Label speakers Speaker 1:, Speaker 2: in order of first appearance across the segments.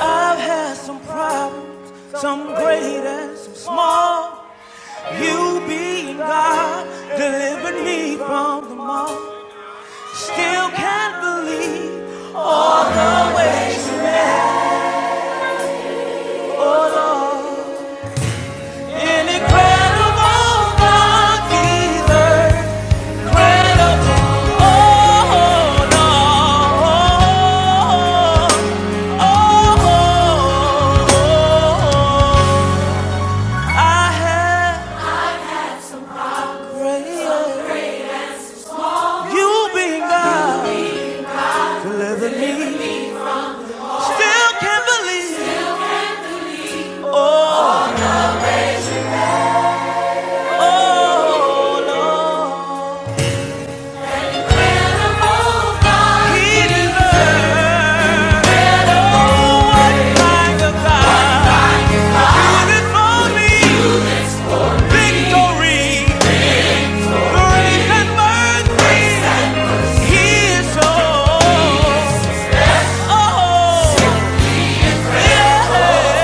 Speaker 1: I've had some problems, some great and some small. You being God delivered me from them all. Still can't believe all the ways you made, oh Lord. An incredible God, Jesus. Incredible, oh Lord. Oh, oh, oh, oh. oh. I have greater. You being God, delivered me. Still can't believe. Oh, oh, Lord. Incredible God. He deserves. Oh, what kind of God You did it for me? Victory, grace and mercy. He is so. Oh. Incredible, incredible,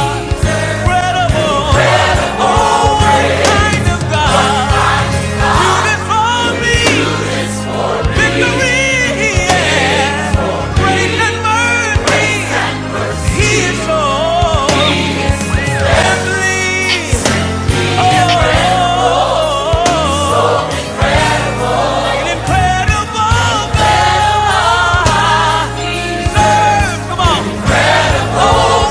Speaker 1: incredible. Come on. Oh, yeah.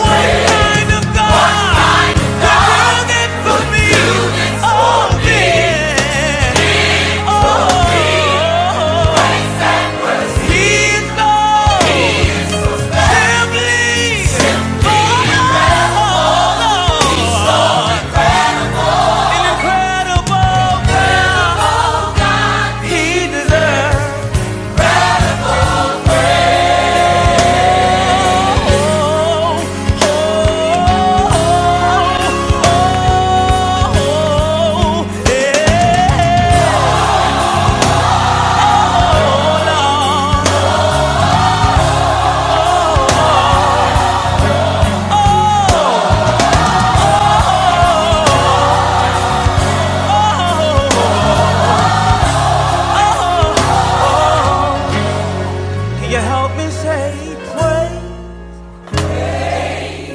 Speaker 1: Can you help me say praise?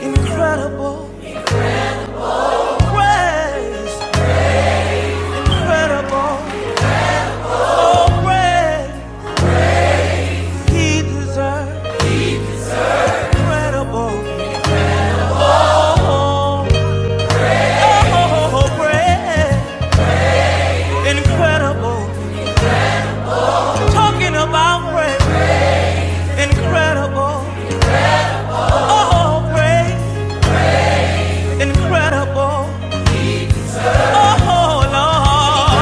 Speaker 1: Incredible praise, incredible. Oh, praise, he deserves incredible. Oh, oh, oh, oh, praise, incredible. Talking about praise, incredible. Oh, praise, incredible. Oh, Lord.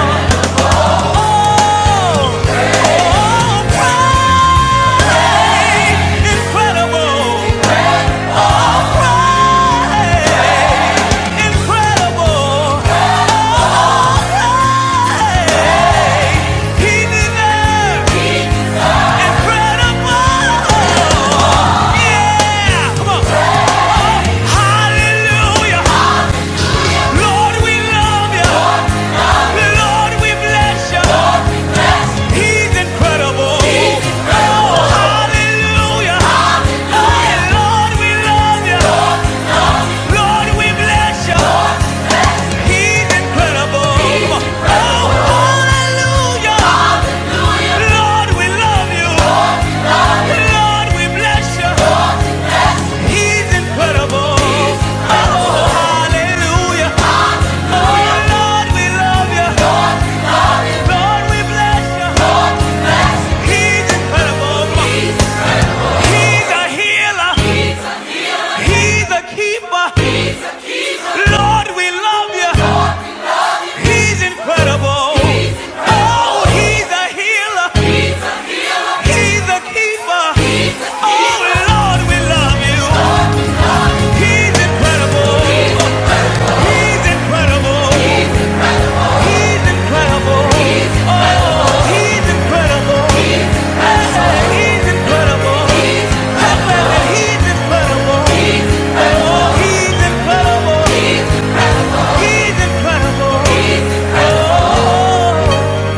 Speaker 1: Hallelujah. Lord, we love you. Lord, we bless you. He's incredible. He's incredible. Hallelujah. Hallelujah. Lord, we love you. Lord, we bless you. He's incredible. Oh, hallelujah. Lord, we love you. Lord, we bless you. He's incredible. Oh, hallelujah. Oh, Lord, we love you. Lord, we bless you. He's incredible. He's a healer. He's a keeper. Lord, we love you. He's incredible. Oh, he's a healer. He's a keeper. Oh, Lord, we love you. He's incredible. He's incredible. He's incredible. He's incredible. He's incredible. He's incredible. He's incredible. Oh, he's incredible. He's incredible. Oh,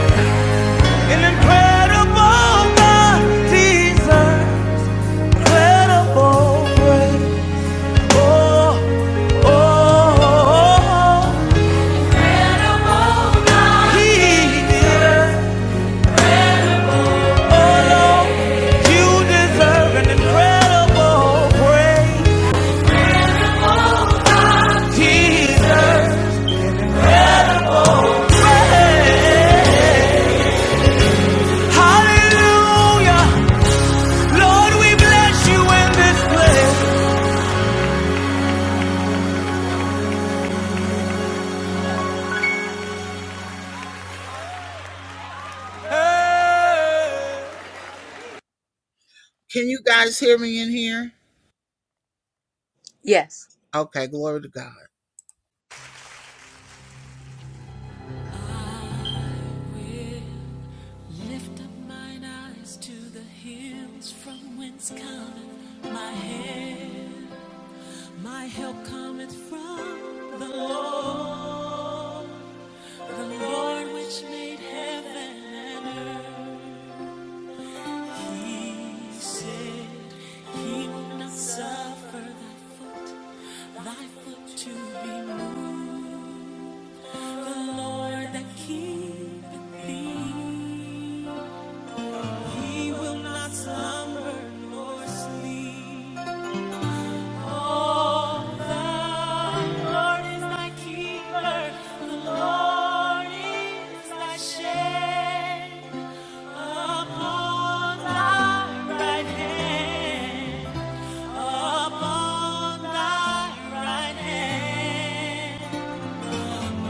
Speaker 1: an incredible God. He's incredible, great. Oh, oh, oh, oh. He deserves. Oh no, you deserve an incredible, great Jesus. Hallelujah, Lord, we bless you in this place.
Speaker 2: Yes.
Speaker 1: Lift up mine eyes to the hills from whence cometh my help. My help cometh from the Lord, the Lord which made heaven and earth. He said he will not suffer thy foot, thy foot to be moved. The Lord that keepeth thee, he will not slumber nor sleep. Oh, the Lord is thy keeper, the Lord is thy shade upon thy right hand, upon thy right hand.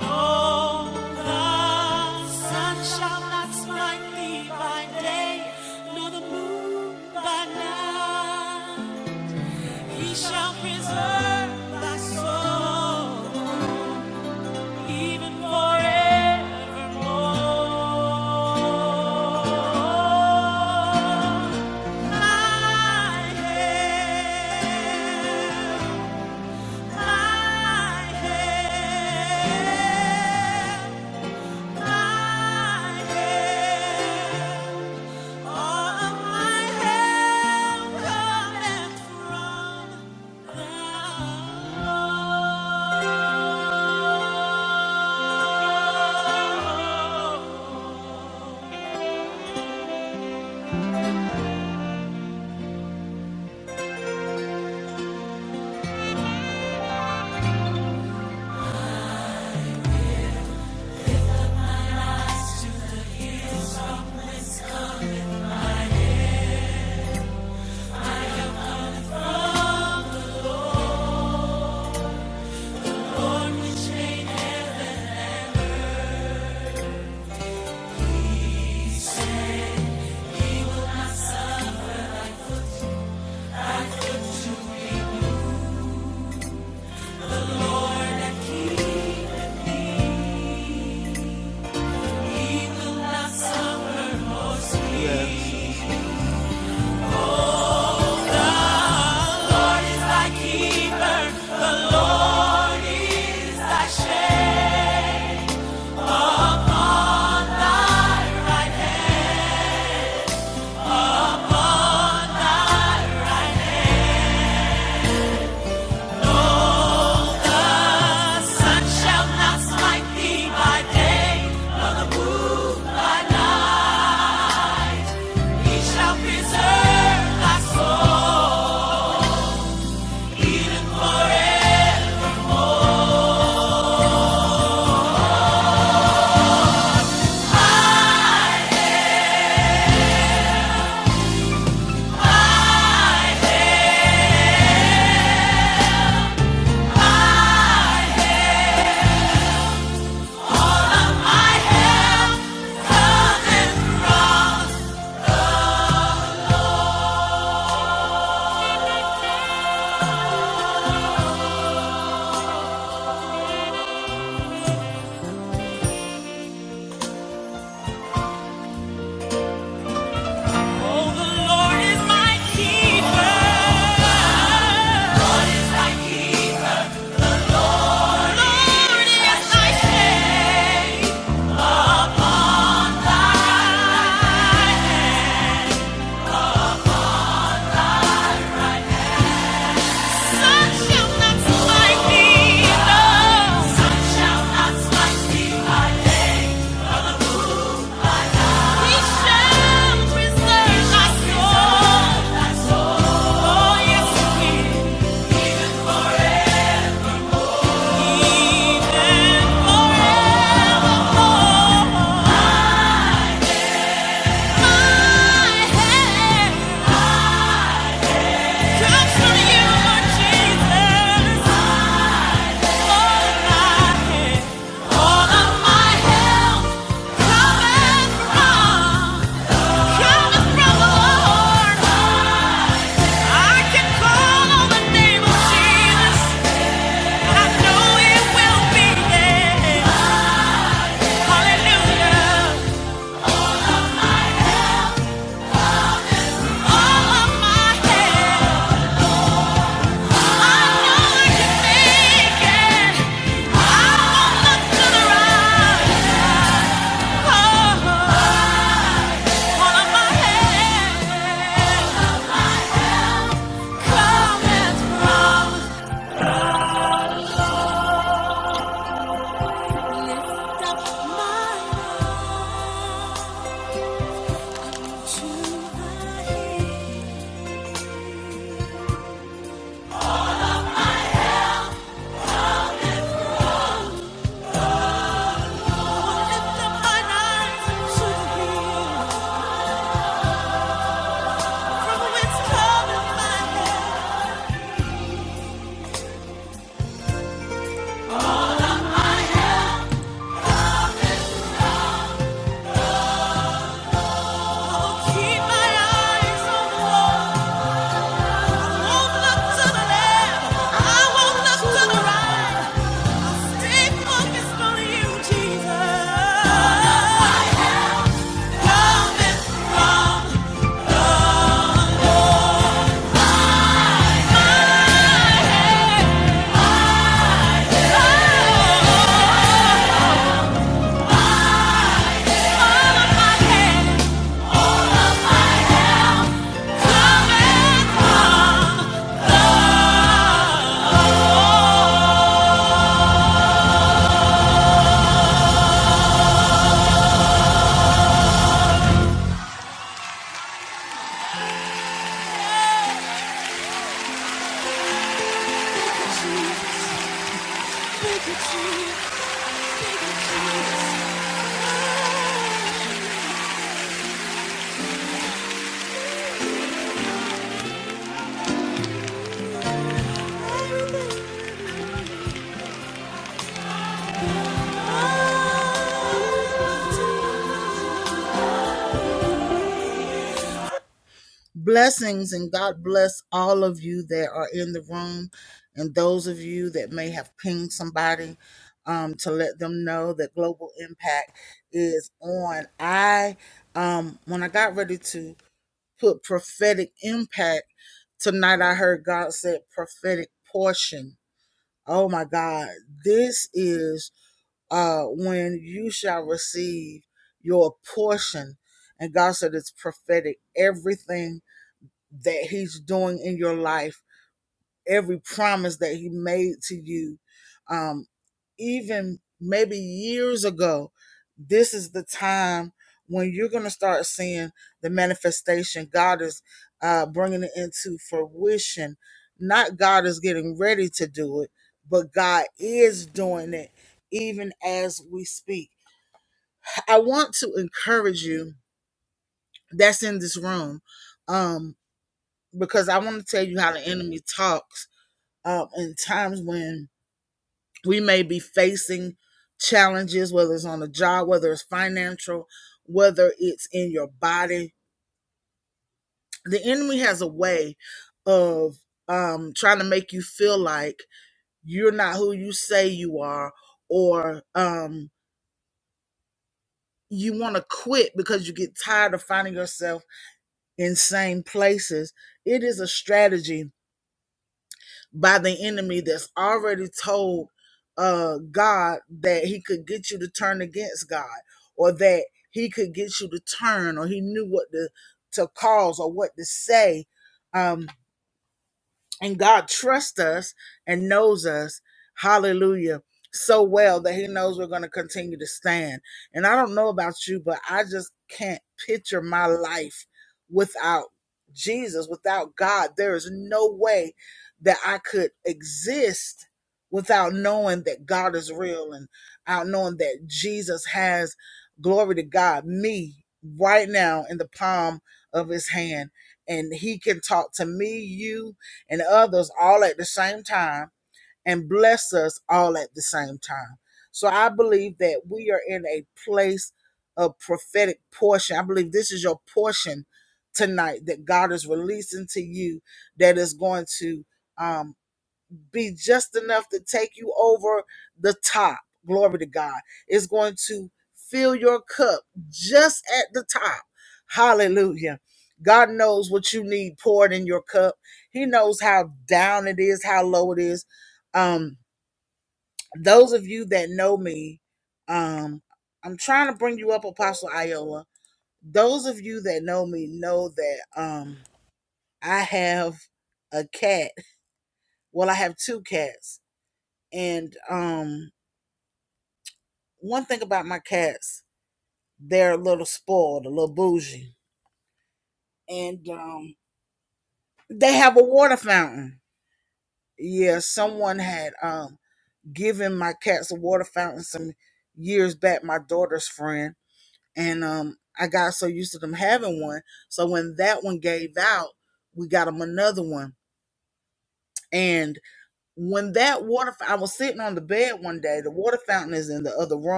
Speaker 1: Oh, the sun shall not smite thee by day, nor the moon by night. He shall preserve thy soul, even forevermore. My help, my help. Keeper, the Lord is thy shade on thy right hand, on thy right The sun shall not smite thee by day, nor the moon by night. He shall preserve thy soul, even forever. All of my help cometh from. Oh, the Lord is The Lord is my keeper. Oh Hallelujah, all of my help. Keep my eyes on the Lord.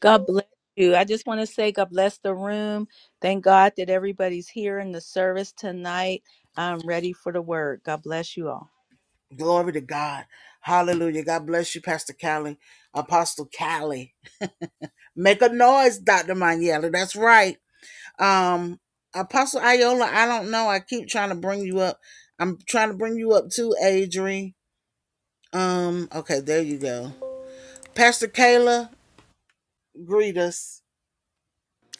Speaker 2: God bless you. I just want to say, God bless the room. Thank God that everybody's here in the service tonight. I'm ready for God.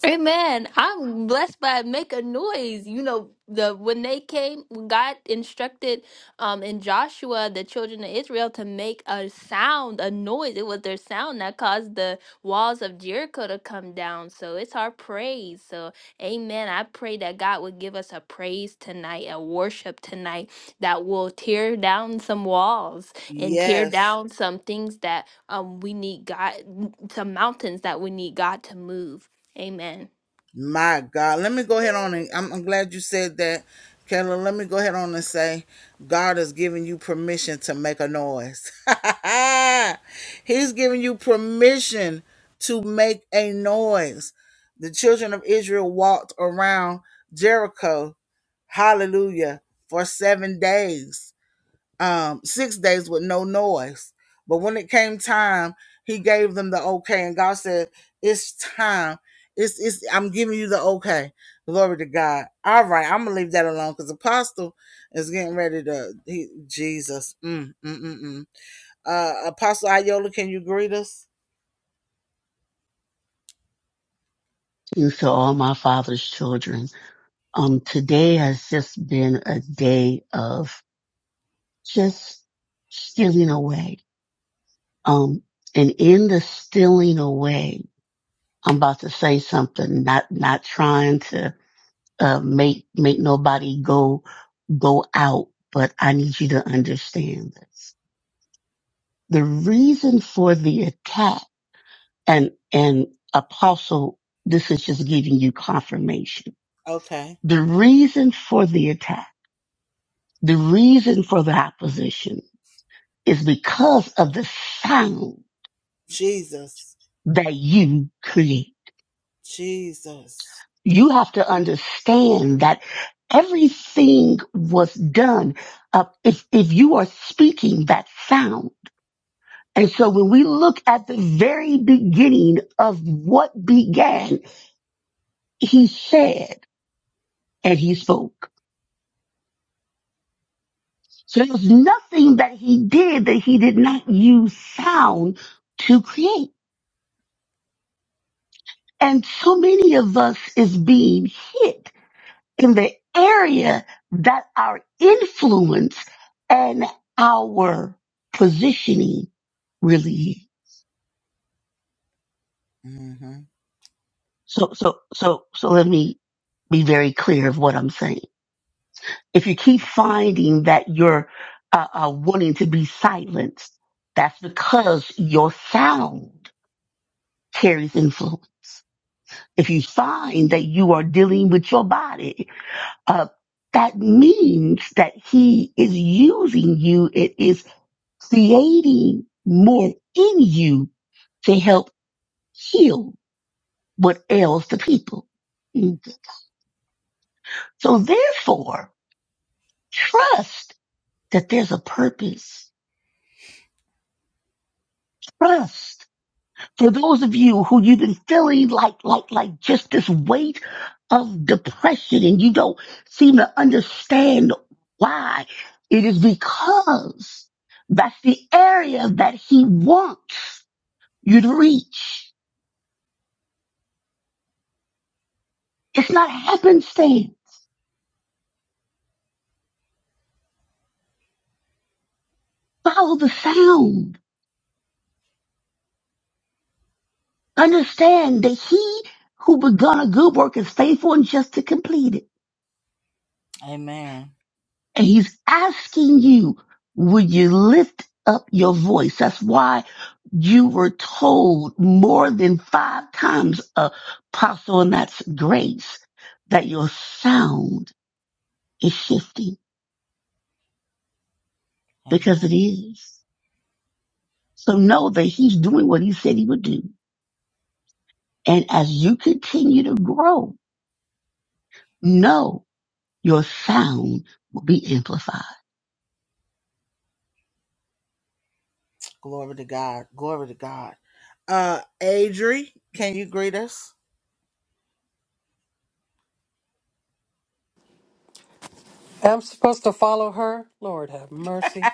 Speaker 3: Amen. I'm blessed by make a noise. You know, the when they came, when God instructed um in Joshua the children of Israel to make a sound, a noise. It was their sound that caused the walls of Jericho to come down. So it's our praise. So amen. I pray that God would give us a praise tonight, a worship tonight that will tear down some walls and tear down some things that um we need God some mountains that we need God to move. Amen.
Speaker 4: you to all my father's children. Um, today has just been a day of just stealing away. Um, and in the stealing away, I'm about to say something, not, not trying to, uh, make, make nobody go, go out, but I need you to understand this. The reason for the attack and, and apostle, this is just giving you confirmation. The reason for the attack The reason for the opposition is because of the sound that you create.
Speaker 1: Jesus.
Speaker 4: You have to understand that everything was done up if, if you are speaking that sound. And so when we look at the very beginning of what began, he said and he spoke. So there was nothing that he did that he did not use sound to create. And so many of us is being hit in the area that our influence and our positioning really is. So, so, so, so let me be very clear of what I'm saying. If you keep finding that you're uh, uh, wanting to be silenced, that's because your sound carries influence. If you find that you are dealing with your body uh, that means that he is using you. It is creating more in you to help heal what ails the people. Mm. So therefore, trust that there's a purpose. Trust. for those of you who you've been feeling like like like just this weight of depression and you don't seem to understand why it is because that's the area that he wants you to reach it's not happenstance follow the sound understand that he who begun a good work is faithful and just to complete it and he's asking you would you lift up your voice that's why you were told more than five times, Apostle, and that's grace, that your sound is shifting because it is. So know that he's doing what he said he would do. And as you continue to grow, know your sound will be amplified.
Speaker 5: I'm supposed to follow her? Lord have mercy.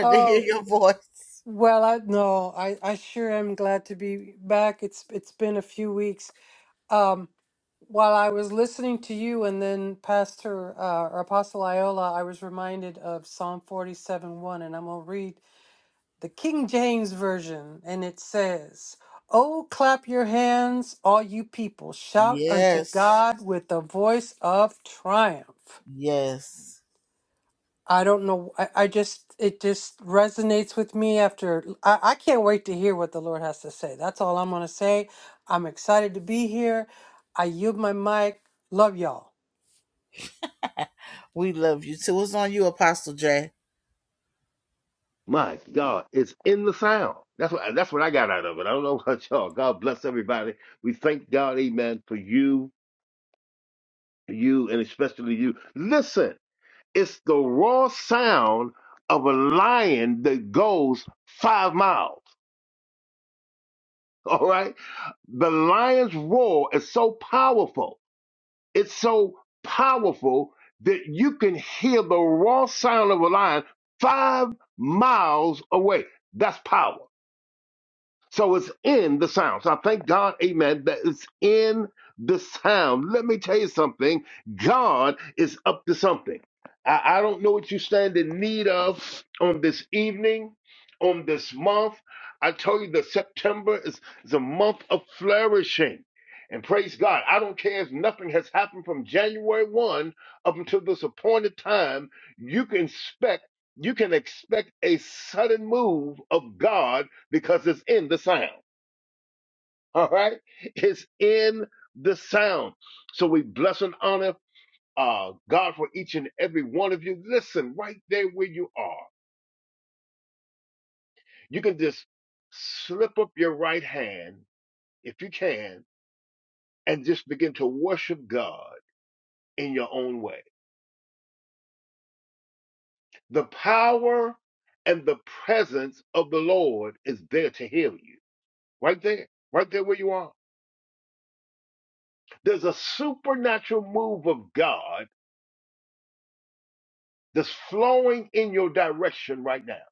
Speaker 5: Oh, well, I no, I I sure am glad to be back. It's it's been a few weeks. Um while I was listening to you and then Pastor uh, or Apostle Iola, I was reminded of Psalm 47 1, and I'm going to read the King James Version, and it says, Oh, clap your hands, all you people, shout unto God with the voice of triumph. I don't know. I, I just, it just resonates with me after. I, I can't wait to hear what the Lord has to say. That's all I'm going to say. I'm excited to be here. I yield my mic. Love y'all.
Speaker 6: My God, it's in the sound. That's what that's what I got out of it. I don't know about y'all. God bless everybody. We thank God, Amen, for you, you, and especially you. Listen, it's the raw sound of a lion that goes five miles. All right, the lion's roar is so powerful. It's so powerful that you can hear the raw sound of a lion five miles away. That's power. So it's in the sound. So I thank God, amen, that it's in the sound. Let me tell you something God is up to something. I, I don't know what you stand in need of on this evening, on this month. I tell you that September is, is a month of flourishing. And praise God. I don't care if nothing has happened from January 1 up until this appointed time. You can expect you can expect a sudden move of God because it's in the sound. All right? It's in the sound. So we bless and honor uh, God for each and every one of you. Listen, right there where you are, you can just slip up your right hand, if you can, and just begin to worship God in your own way. The power and the presence of the Lord is there to heal you. Right there, right there where you are. There's a supernatural move of God that's flowing in your direction right now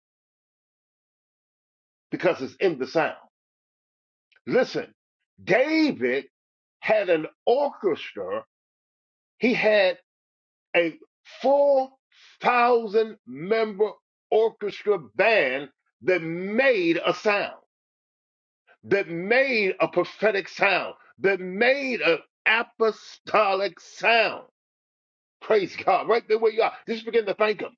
Speaker 6: because it's in the sound. Listen, David had an orchestra, he had a 4,000 member orchestra band that made a sound, that made a prophetic sound, that made an apostolic sound. Praise God, right there where you are. Just begin to thank Him.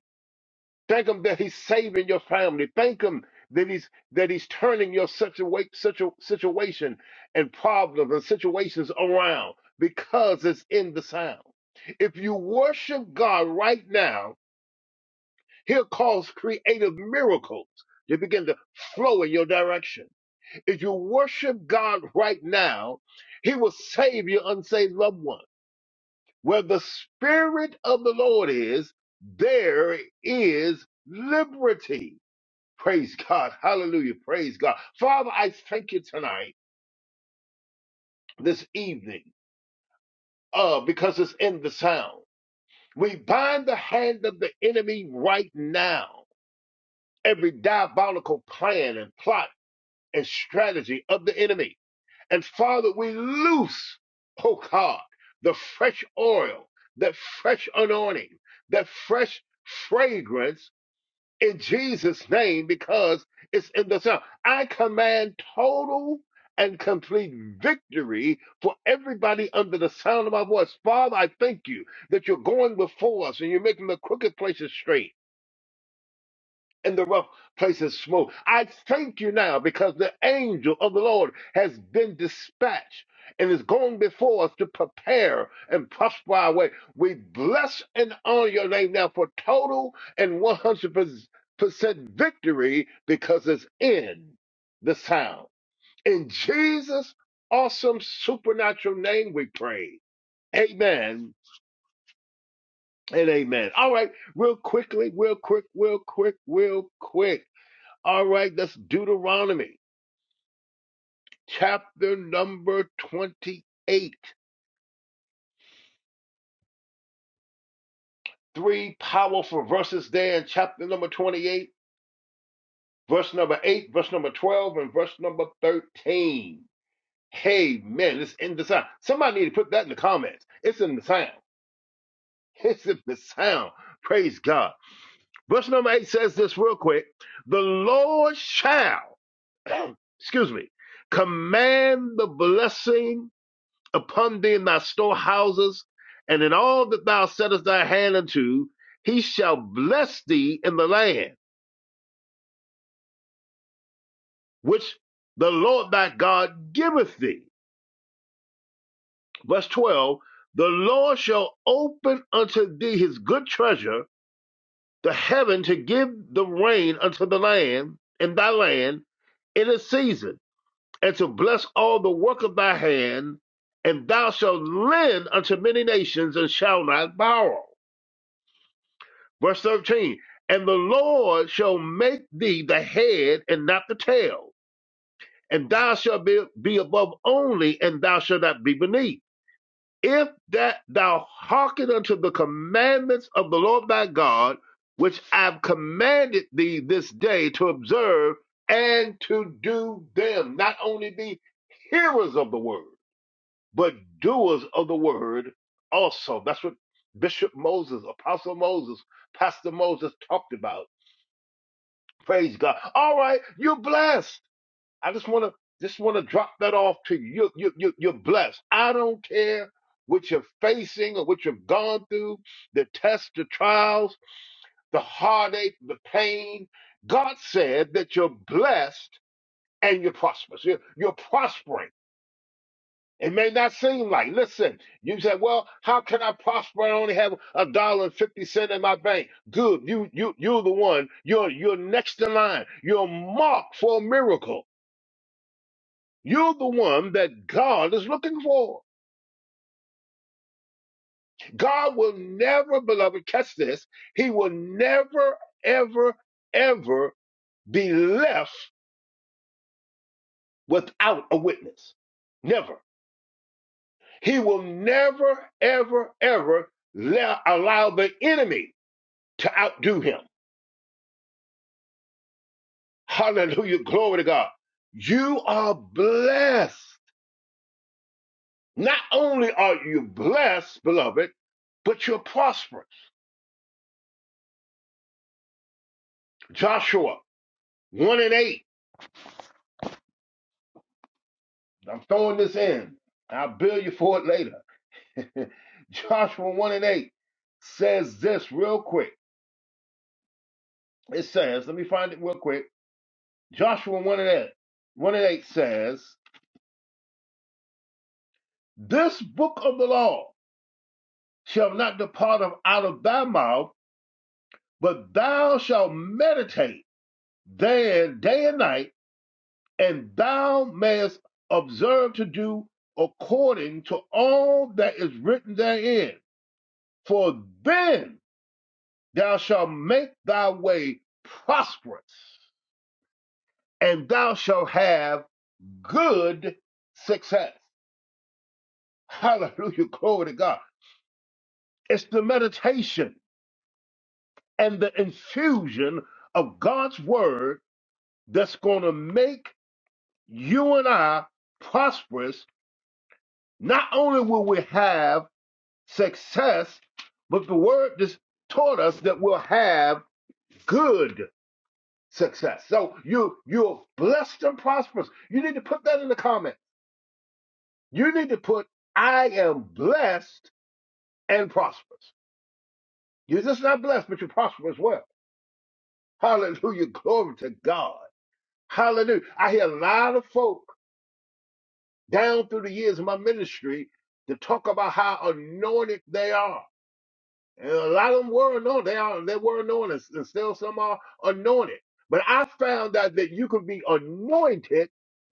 Speaker 6: Thank him that he's saving your family. Thank him that he's that he's turning your such a situation and problems and situations around because it's in the sound. If you worship God right now, he'll cause creative miracles to begin to flow in your direction. If you worship God right now, he will save your unsaved loved one. Where the spirit of the Lord is, there is liberty. Praise God. Hallelujah. Praise God. Father, I thank you tonight, this evening, uh, because it's in the sound. We bind the hand of the enemy right now. Every diabolical plan and plot and strategy of the enemy. And Father, we loose, oh God, the fresh oil, that fresh anointing, that fresh fragrance in Jesus' name because it's in the Son. I command total and complete victory for everybody under the sound of my voice. Father, I thank you that you're going before us and you're making the crooked places straight in the rough places smooth. I thank you now because the angel of the Lord has been dispatched and is going before us to prepare and prosper our way. We bless and honor your name now for total and 100% victory because it's in the sound. In Jesus' awesome supernatural name, we pray. Amen and amen. All right, real quickly, real quick, real quick, real quick. All right, that's Deuteronomy chapter number 28. Three powerful verses there in chapter number 28, verse number 8, verse number 12, and verse number 13. Hey, man, it's in the sound. Somebody need to put that in the comments. It's in the sound. It's in the sound. Praise God. Verse number 8 says this real quick The Lord shall, excuse me, command the blessing upon thee in thy storehouses, and in all that thou settest thy hand unto, he shall bless thee in the land which the Lord thy God giveth thee. Verse 12 The Lord shall open unto thee his good treasure, the heaven to give the rain unto the land, in thy land, in its season, and to bless all the work of thy hand, and thou shalt lend unto many nations and shalt not borrow. Verse 13, and the Lord shall make thee the head and not the tail, and thou shalt be, be above only, and thou shalt not be beneath. If that thou hearken unto the commandments of the Lord thy God, which I've commanded thee this day to observe and to do them, not only be hearers of the word, but doers of the word also. That's what Bishop Moses, Apostle Moses, Pastor Moses talked about Praise God. All right, you're blessed. I just want to just want to drop that off to you. You're, you're, you're you're blessed. I don't care what you're facing or what you've gone through, the tests, the trials, the heartache, the pain. God said that you're blessed and you're prosperous. You're, you're prospering. It may not seem like. Listen, you said, "Well, how can I prosper? I only have a dollar and fifty cent in my bank." Good, you you you're the one. You're you're next in line. You're marked for a miracle. You're the one that God is looking for. God will never, beloved, catch this. He will never, ever, ever be left without a witness. Never. He will never, ever, ever le- allow the enemy to outdo him. Hallelujah. Glory to God. You are blessed. Not only are you blessed, beloved, but you're prosperous. Joshua 1 and 8. I'm throwing this in. I'll bill you for it later. Joshua 1 and 8 says this real quick. It says, let me find it real quick. Joshua 1 and 8. 1 and 8 says, This book of the law shall not depart of out of thy mouth, but thou shalt meditate there day and night, and thou mayest observe to do according to all that is written therein. For then thou shalt make thy way prosperous, and thou shalt have good success. Hallelujah. Glory to God. It's the meditation and the infusion of God's word that's going to make you and I prosperous. Not only will we have success, but the word just taught us that we'll have good success. So you you're blessed and prosperous. You need to put that in the comment. You need to put I am blessed and prosperous. You're just not blessed, but you prosper as well. Hallelujah. Glory to God. Hallelujah. I hear a lot of folk down through the years of my ministry to talk about how anointed they are And a lot of them were anointed. They are they were anointed, and still some are anointed. But I found out that you could be anointed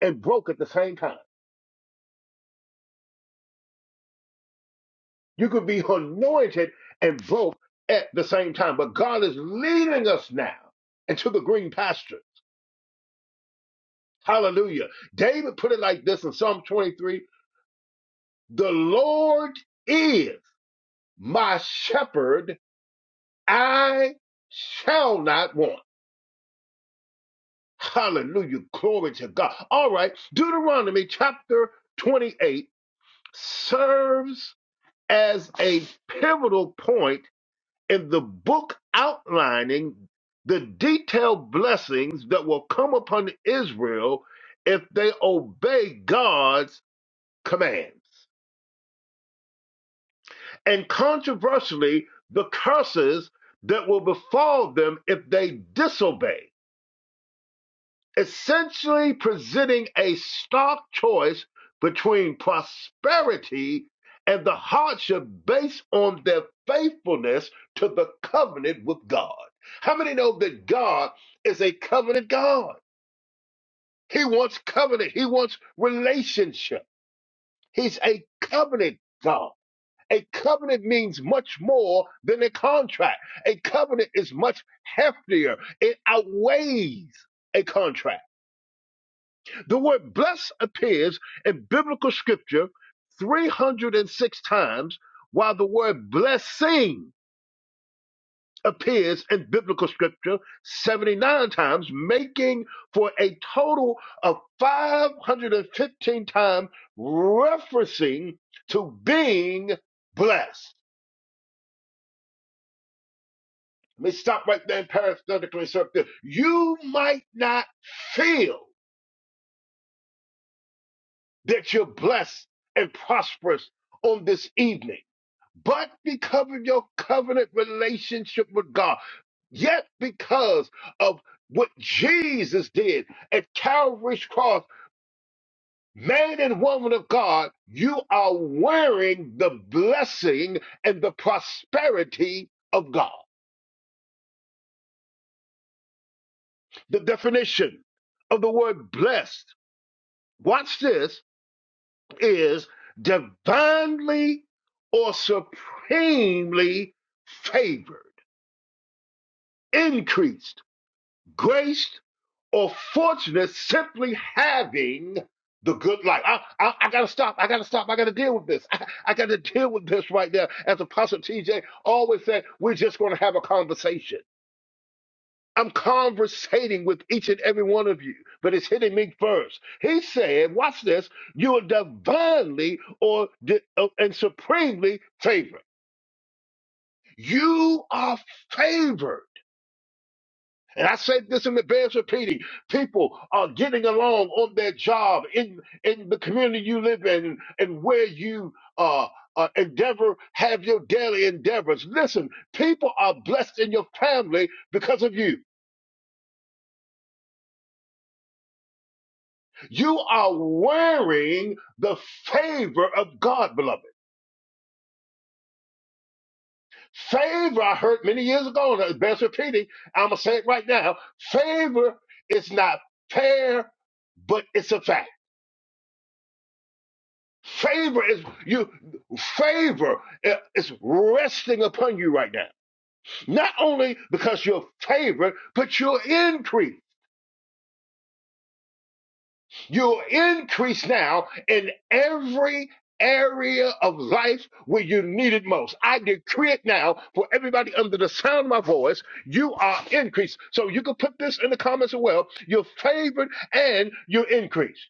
Speaker 6: and broke at the same time. You could be anointed and broke at the same time. But God is leading us now into the green pasture. Hallelujah. David put it like this in Psalm 23 The Lord is my shepherd, I shall not want. Hallelujah. Glory to God. All right. Deuteronomy chapter 28 serves as a pivotal point in the book outlining the detailed blessings that will come upon Israel if they obey God's commands. And controversially, the curses that will befall them if they disobey. essentially presenting a stark choice between prosperity and the hardship based on their faithfulness to the covenant with God. How many know that God is a covenant God? He wants covenant, He wants relationship. He's a covenant God. A covenant means much more than a contract. A covenant is much heftier. It outweighs a contract The word blessed appears in biblical scripture 306 times, while the word blessing appears in biblical scripture 79 times, making for a total of 515 times referencing to being blessed. Let me stop right there and parenthetically insert this. You might not feel that you're blessed and prosperous on this evening but because of your covenant relationship with God, yet because of what Jesus did at Calvary's cross, man and woman of God, you are wearing the blessing and the prosperity of God. The definition of the word blessed, watch this, is divinely or supremely favored, increased graced or fortunate simply having the good life. I, I, I gotta stop. I gotta stop. I gotta deal with this. I, I gotta deal with this right now. As Apostle TJ always said, we're just gonna have a conversation. I'm conversating with each and every one of you, but it's hitting me first. He said, watch this, you are divinely or di- uh, and supremely favored. You are favored And I said this and it bears repeating. People are getting along on their job in in the community you live in and where you uh, uh endeavor, have your daily endeavors. Listen, people are blessed in your family because of you. You are wearing the favor of God, beloved. Favor, I heard many years ago, and it bears repeating. I'm gonna say it right now. Favor is not fair, but it's a fact. Favor is you favor is resting upon you right now. Not only because you're favored, but you'll increase. You'll increase now in every area of life where you need it most. I decree it now for everybody under the sound of my voice. You are increased. So you can put this in the comments as well. You're favored and you're increased.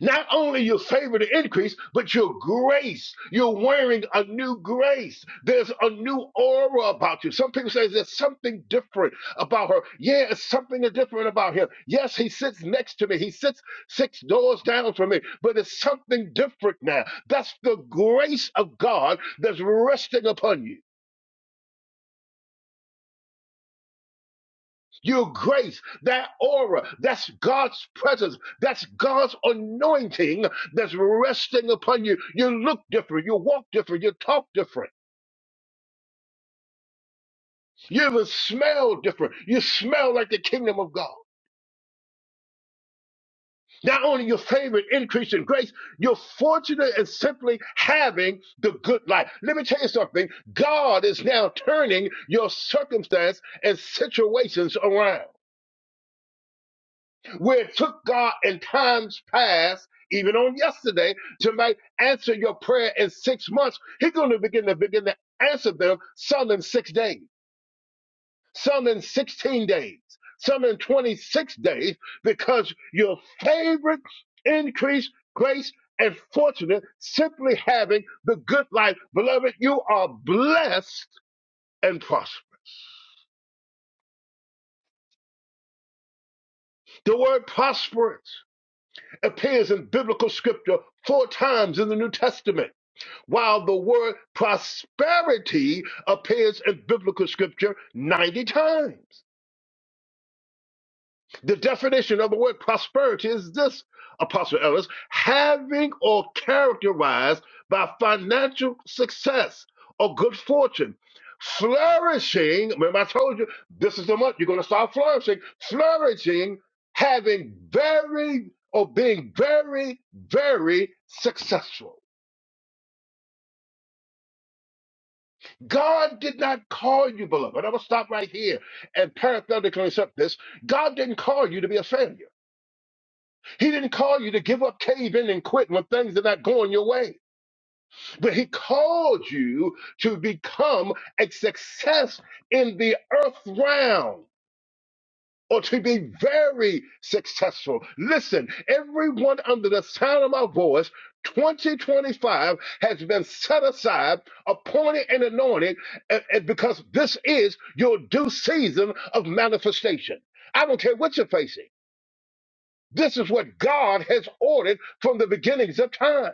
Speaker 6: Not only your favor to increase, but your grace. You're wearing a new grace. There's a new aura about you. Some people say there's something different about her. Yeah, it's something different about him. Yes, he sits next to me. He sits six doors down from me, but it's something different now. That's the grace of God that's resting upon you. Your grace, that aura, that's God's presence, that's God's anointing that's resting upon you. You look different, you walk different, you talk different, you even smell different. You smell like the kingdom of God. Not only your favor and increase in grace, you're fortunate in simply having the good life. Let me tell you something. God is now turning your circumstance and situations around. where it took God in times past, even on yesterday, to might answer your prayer in six months, He's going to begin to begin to answer them some in six days, some in 16 days, some in 26 days, because your favorite increase, grace, and fortunate simply having the good life. Beloved, you are blessed and prosperous. The word prosperous appears in biblical scripture four times in the New Testament. while the word prosperity appears in biblical scripture 90 times. The definition of the word prosperity is this, Apostle Ellis, having or characterized by financial success or good fortune, flourishing. Remember, I told you this is the month you're going to start flourishing, flourishing, having very or being very, very successful. God did not call you beloved. I'm going to stop right here and parenthetically accept this. God didn't call you to be a failure. He didn't call you to give up, cave in, and quit when things are not going your way. But He called you to become a success in the earth realm or to be very successful. Listen, everyone under the sound of my voice, 2025 has been set aside, appointed, and anointed and, and because this is your due season of manifestation. I don't care what you're facing. This is what God has ordered from the beginnings of time.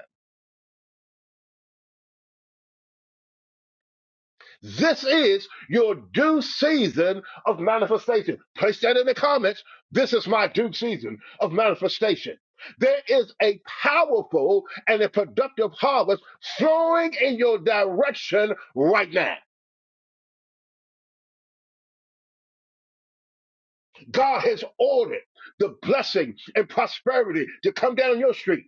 Speaker 6: This is your due season of manifestation. Place that in the comments. This is my due season of manifestation. There is a powerful and a productive harvest flowing in your direction right now. God has ordered the blessing and prosperity to come down your street,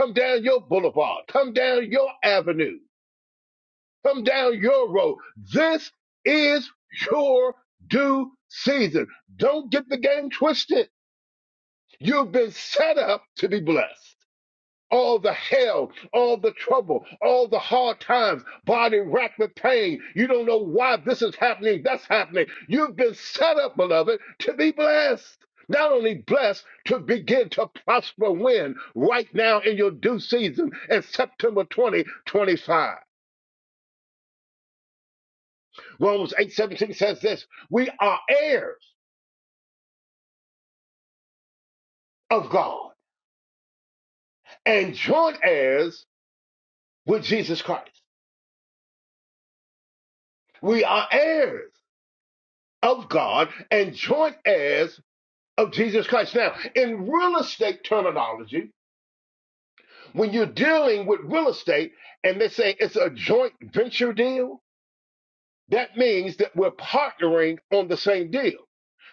Speaker 6: come down your boulevard, come down your avenue. Come down your road. This is your due season. Don't get the game twisted. You've been set up to be blessed. All the hell, all the trouble, all the hard times, body racked with pain. You don't know why this is happening, that's happening. You've been set up, beloved, to be blessed. Not only blessed, to begin to prosper when right now in your due season in September 2025. Romans eight seventeen says this We are heirs of God and joint heirs with Jesus Christ. We are heirs of God and joint heirs of Jesus Christ. Now, in real estate terminology, when you're dealing with real estate and they say it's a joint venture deal, That means that we're partnering on the same deal.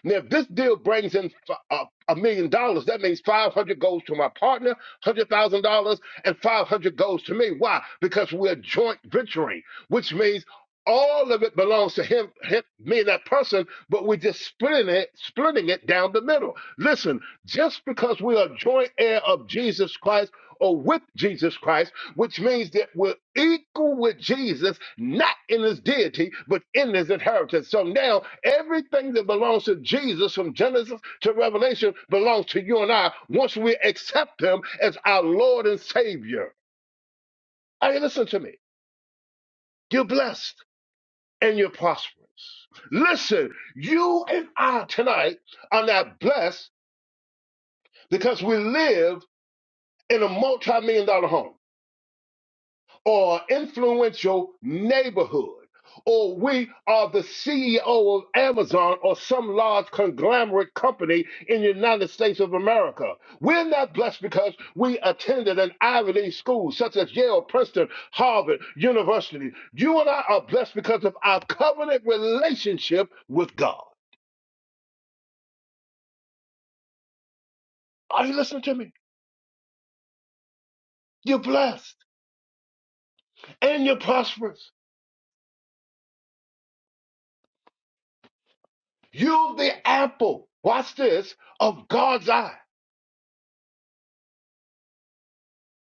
Speaker 6: Now, if this deal brings in a a million dollars, that means 500 goes to my partner, $100,000, and 500 goes to me. Why? Because we're joint venturing, which means all of it belongs to him, him, me, and that person, but we're just splitting it, splitting it down the middle. Listen, just because we are joint heir of Jesus Christ or with Jesus Christ, which means that we're equal with Jesus, not in his deity, but in his inheritance. So now everything that belongs to Jesus from Genesis to Revelation belongs to you and I once we accept him as our Lord and Savior. Hey, listen to me. You're blessed and you're prosperous. Listen, you and I tonight are not blessed because we live in a multi million dollar home or influential neighborhood, or we are the CEO of Amazon or some large conglomerate company in the United States of America. We're not blessed because we attended an Ivy League school such as Yale, Princeton, Harvard University. You and I are blessed because of our covenant relationship with God. Are you listening to me? You're blessed and you're prosperous. You're the apple, watch this, of God's eye.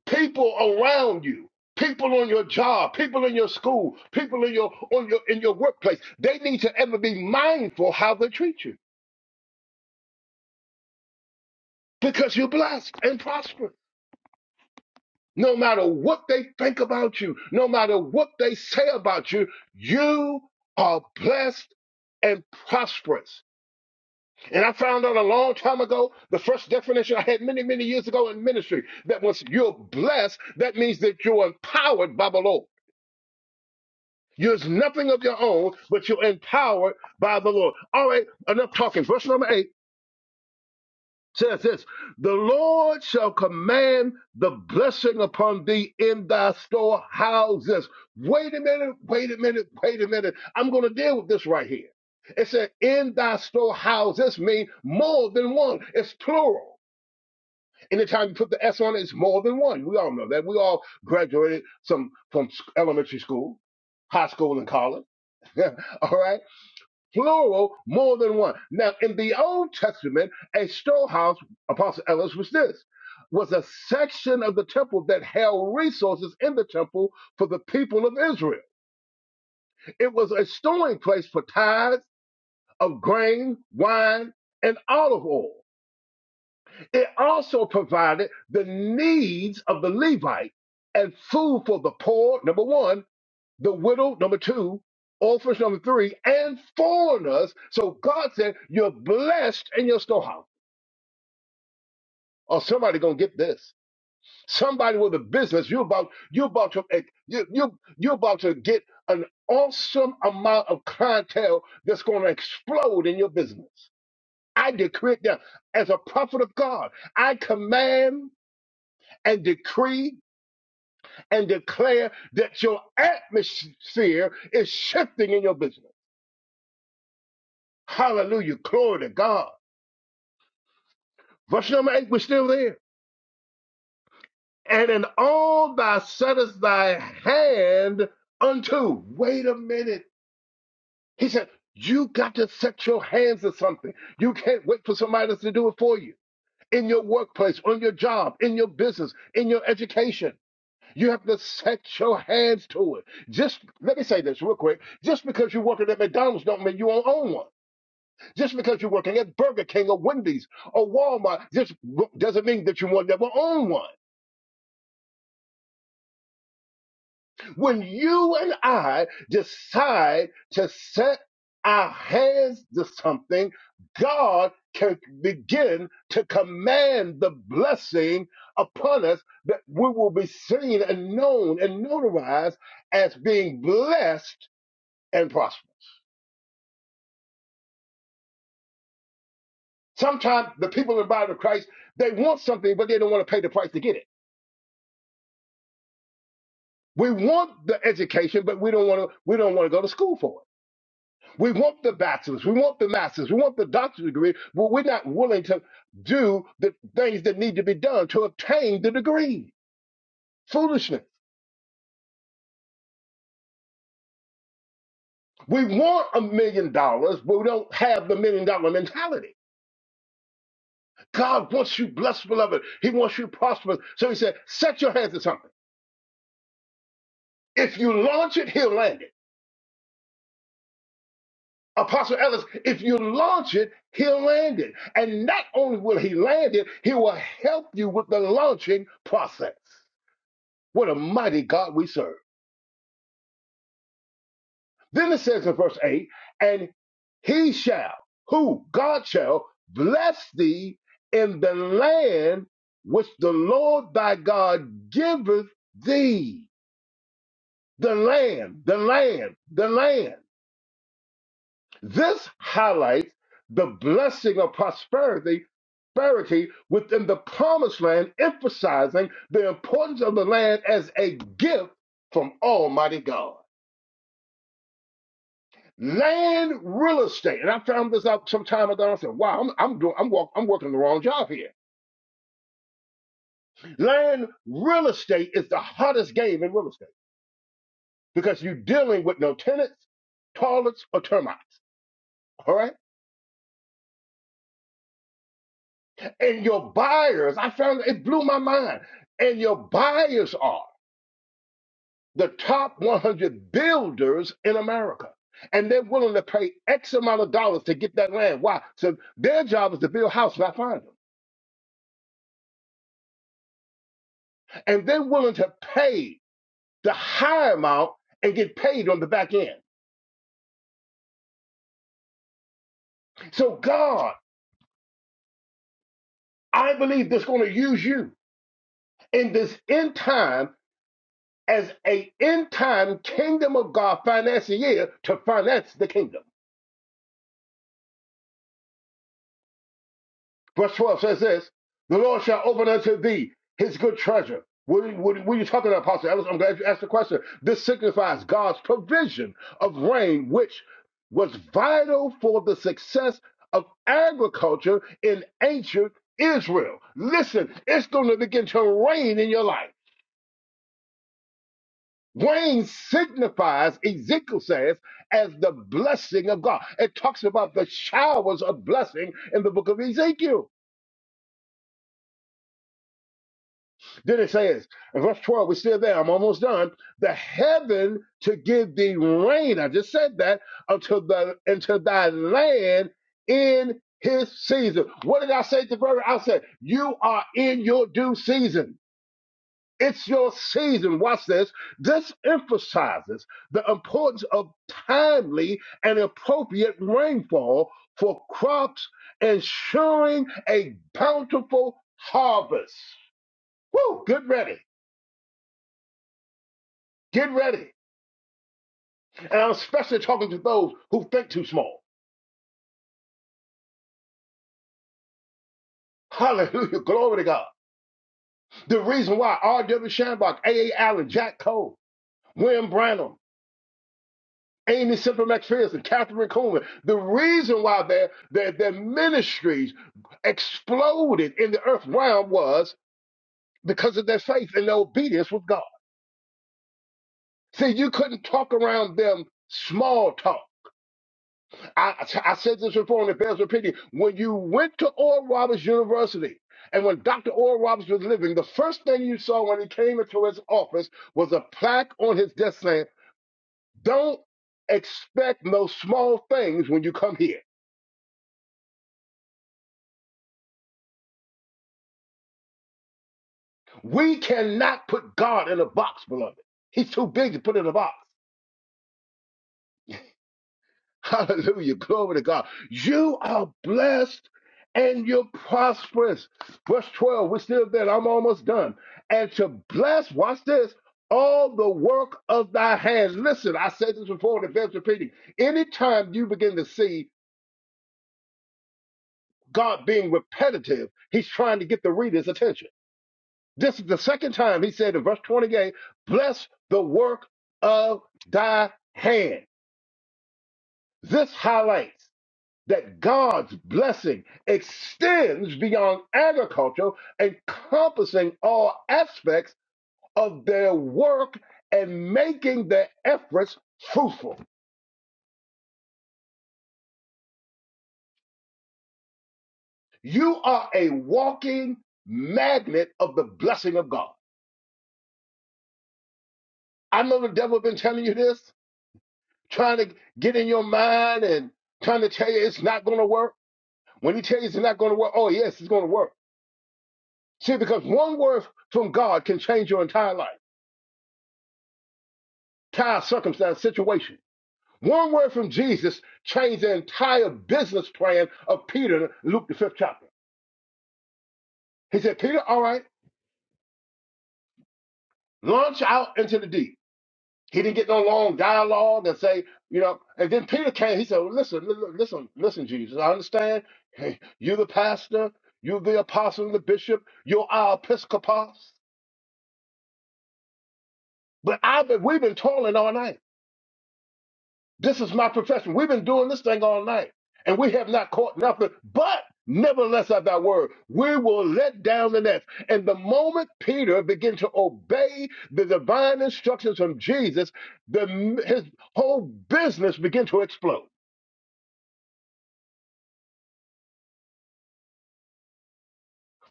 Speaker 6: People around you, people on your job, people in your school, people in your on your in your workplace, they need to ever be mindful how they treat you because you're blessed and prosperous. No matter what they think about you, no matter what they say about you, you are blessed and prosperous. And I found out a long time ago, the first definition I had many, many years ago in ministry, that once you're blessed, that means that you're empowered by the Lord. You're nothing of your own, but you're empowered by the Lord. All right, enough talking. Verse number eight says this The Lord shall command the blessing upon thee in thy storehouses. Wait a minute, wait a minute, wait a minute. I'm going to deal with this right here. It said, In thy storehouses mean more than one, it's plural. Anytime you put the S on it, it's more than one. We all know that. We all graduated some from elementary school, high school, and college. all right, plural, more than one. Now, in the Old Testament, a storehouse, Apostle Ellis was this, was a section of the temple that held resources in the temple for the people of Israel. It was a storing place for tithes of grain, wine, and olive oil. It also provided the needs of the Levite and food for the poor, number one, the widow, number two, orphans, number three, and foreigners. So God said, You're blessed in your storehouse. Or somebody gonna get this. Somebody with a business, you're about you're about to eh, you you you're about to get an awesome amount of clientele that's gonna explode in your business. I decree it now. As a prophet of God, I command and decree and declare that your atmosphere is shifting in your business. Hallelujah. Glory to God. Verse number eight, we're still there. And in all thou settest thy hand unto. Wait a minute. He said, You got to set your hands to something. You can't wait for somebody else to do it for you. In your workplace, on your job, in your business, in your education. You have to set your hands to it. Just let me say this real quick. Just because you work at McDonald's don't mean you won't own one. Just because you're working at Burger King or Wendy's or Walmart just doesn't mean that you will never own one. When you and I decide to set our hands to something, God can begin to command the blessing upon us that we will be seen and known and notarized as being blessed and prosperous. Sometimes the people in the body of Christ, they want something, but they don't want to pay the price to get it. We want the education, but we don't want to. We don't want to go to school for it. We want the bachelor's, we want the master's, we want the doctorate degree, but we're not willing to do the things that need to be done to obtain the degree. Foolishness. We want a million dollars, but we don't have the million dollar mentality. God wants you blessed, beloved. He wants you prosperous. So He said, "Set your hands to something. If you launch it, He'll land it." Apostle Ellis, if you launch it, he'll land it. And not only will he land it, he will help you with the launching process. What a mighty God we serve. Then it says in verse 8, and he shall, who? God shall bless thee in the land which the Lord thy God giveth thee. The land, the land, the land. This highlights the blessing of prosperity prosperity within the promised land, emphasizing the importance of the land as a gift from Almighty God. Land real estate, and I found this out some time ago. I said, "Wow, I'm I'm doing I'm, walk, I'm working the wrong job here." Land real estate is the hottest game in real estate because you're dealing with no tenants, toilets, or termites. All right. And your buyers, I found it blew my mind. And your buyers are the top 100 builders in America. And they're willing to pay X amount of dollars to get that land. Why? So their job is to build houses, not find them. And they're willing to pay the high amount and get paid on the back end. So God, I believe that's going to use you in this end time as a end time kingdom of God financier to finance the kingdom. Verse 12 says this The Lord shall open unto thee his good treasure. What are, what are- what are you talking about, Apostle Ellis? I'm glad you asked the question. This signifies God's provision of rain, which was vital for the success of agriculture in ancient Israel. Listen, it's going to begin to rain in your life. Rain signifies, Ezekiel says, as the blessing of God. It talks about the showers of blessing in the book of Ezekiel. Then it says, in verse 12, we're still there. I'm almost done. The heaven to give thee rain. I just said that unto the into thy land in his season. What did I say at the very said You are in your due season. It's your season. Watch this. This emphasizes the importance of timely and appropriate rainfall for crops, ensuring a bountiful harvest. Woo! Good ready. Get ready. And I'm especially talking to those who think too small. Hallelujah. Glory to God. The reason why R.W. Shanbach, A.A. Allen, Jack Cole, William Branham, Amy Simple McPherson, Catherine Coleman, the reason why their, their, their ministries exploded in the earth realm was because of their faith and their obedience with God. See, you couldn't talk around them small talk. I, I said this before in the Bears opinion. When you went to Oral Roberts University and when Dr. Oral Roberts was living, the first thing you saw when he came into his office was a plaque on his desk saying, Don't expect no small things when you come here. We cannot put God in a box, beloved. He's too big to put in a box. Hallelujah. Glory to God. You are blessed and you're prosperous. Verse 12, we're still there. I'm almost done. And to bless, watch this, all the work of thy hands. Listen, I said this before, and it bears repeating. Anytime you begin to see God being repetitive, he's trying to get the reader's attention. This is the second time he said in verse 28, bless the work of thy hand. This highlights. that God's blessing extends beyond agriculture, encompassing all aspects of their work and making their efforts fruitful. You are a walking magnet of the blessing of God. I know the devil has been telling you this, trying to get in your mind and trying to tell you it's not going to work. When he tells you it's not going to work, oh yes, it's going to work. See, because one word from God can change your entire life, entire circumstance, situation. One word from Jesus changed the entire business plan of Peter, Luke the fifth chapter. He said, Peter, all right, launch out into the deep. He didn't get no long dialogue and say, you know, and then Peter came, he said, well, listen, li- li- listen, listen, Jesus, I understand. Hey, you're the pastor, you're the apostle and the bishop, you're our episcopos. But I've been, we've been toiling all night. This is my profession. We've been doing this thing all night, and we have not caught nothing. But nevertheless, at thy word, we will let down the nets. And the moment Peter began to obey the divine instructions from Jesus, the his whole business began to explode.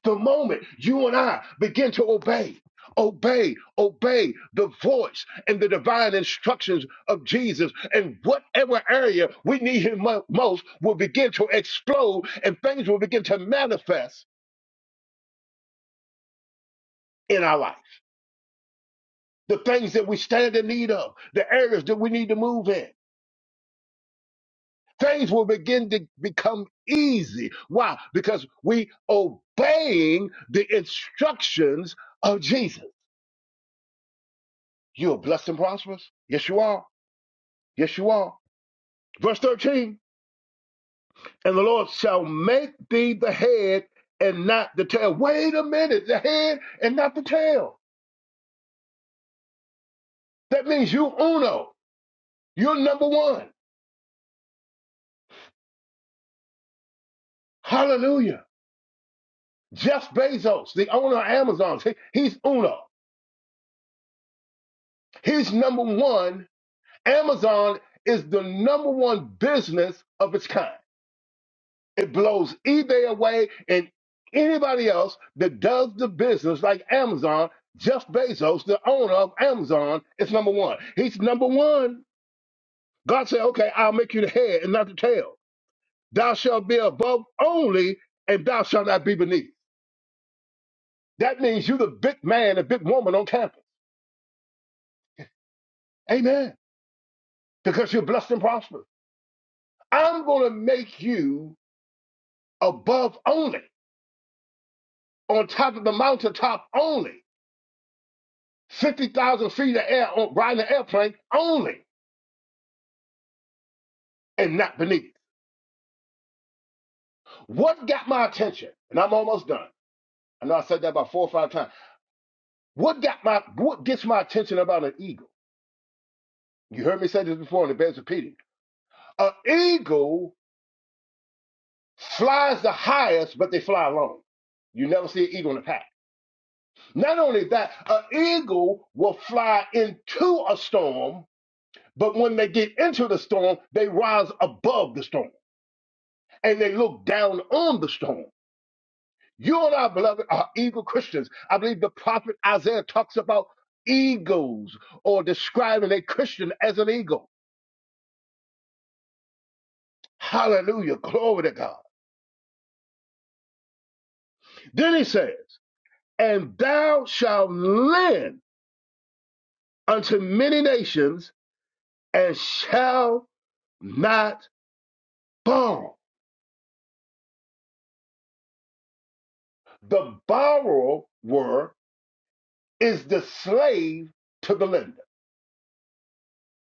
Speaker 6: The moment you and I begin to obey, obey, obey the voice and the divine instructions of Jesus, and whatever area we need Him mo- most will begin to explode and things will begin to manifest in our life. The things that we stand in need of, the areas that we need to move in, things will begin to become easy. Why? Because we obeying the instructions of Jesus. You are blessed and prosperous? Yes, you are. Yes, you are. Verse 13, and the Lord shall make thee the head and not the tail. Wait a minute, the head and not the tail. That means you uno. You're number one. Hallelujah. Jeff Bezos, the owner of Amazon, he- he's uno. He's number one. Amazon is the number one business of its kind. It blows eBay away and anybody else that does the business like Amazon. Jeff Bezos, the owner of Amazon, is number one. He's number one. God said, okay, I'll make you the head and not the tail. Thou shalt be above only, and thou shalt not be beneath. That means you're the big man, the big woman on campus. Amen. Because you're blessed and prosperous. I'm going to make you above only, on top of the mountaintop only. 50,000 feet of air on, riding an airplane only and not beneath. What got my attention? And I'm almost done. I know I said that about four or five times. What got my what gets my attention about an eagle? You heard me say this before and it bears repeating. An eagle flies the highest, but they fly alone. You never see an eagle in a pack. Not only that, an eagle will fly into a storm, but when they get into the storm, they rise above the storm and they look down on the storm. You and I, beloved, are eagle Christians. I believe the prophet Isaiah talks about eagles or describing a Christian as an eagle. Hallelujah. Glory to God. Then he says, And thou shalt lend unto many nations and shall not borrow. The borrower is the slave to the lender.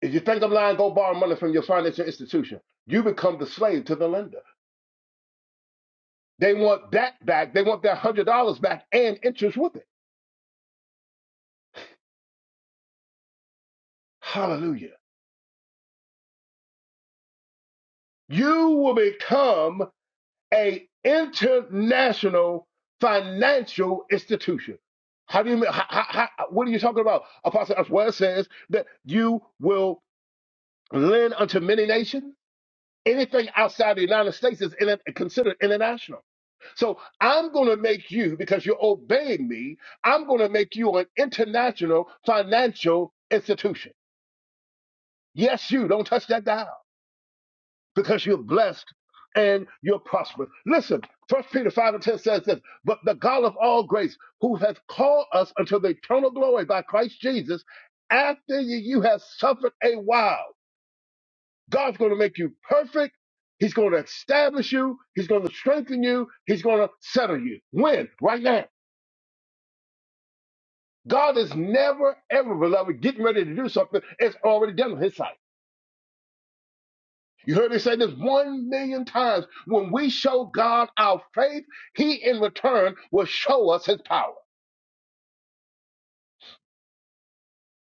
Speaker 6: If you think I'm lying, go borrow money from your financial institution. You become the slave to the lender. They want that back. They want their one hundred dollars back and interest with it. Hallelujah. You will become an international financial institution. How do you mean? How, how, how- what are you talking about? Apostle Oswald says that you will lend unto many nations. Anything outside the United States is in, considered international. So I'm going to make you, because you're obeying me, I'm going to make you an international financial institution. Yes, you don't touch that dial because you're blessed and you're prosperous. Listen, First Peter 5 and 10 says this, but the God of all grace, who hath called us unto the eternal glory by Christ Jesus, after ye you have suffered a while, God's going to make you perfect. He's going to establish you. He's going to strengthen you. He's going to settle you. When? Right now. God is never, ever, beloved, getting ready to do something. It's already done on his side. You heard me say this one million times. When we show God our faith, He in return will show us His power.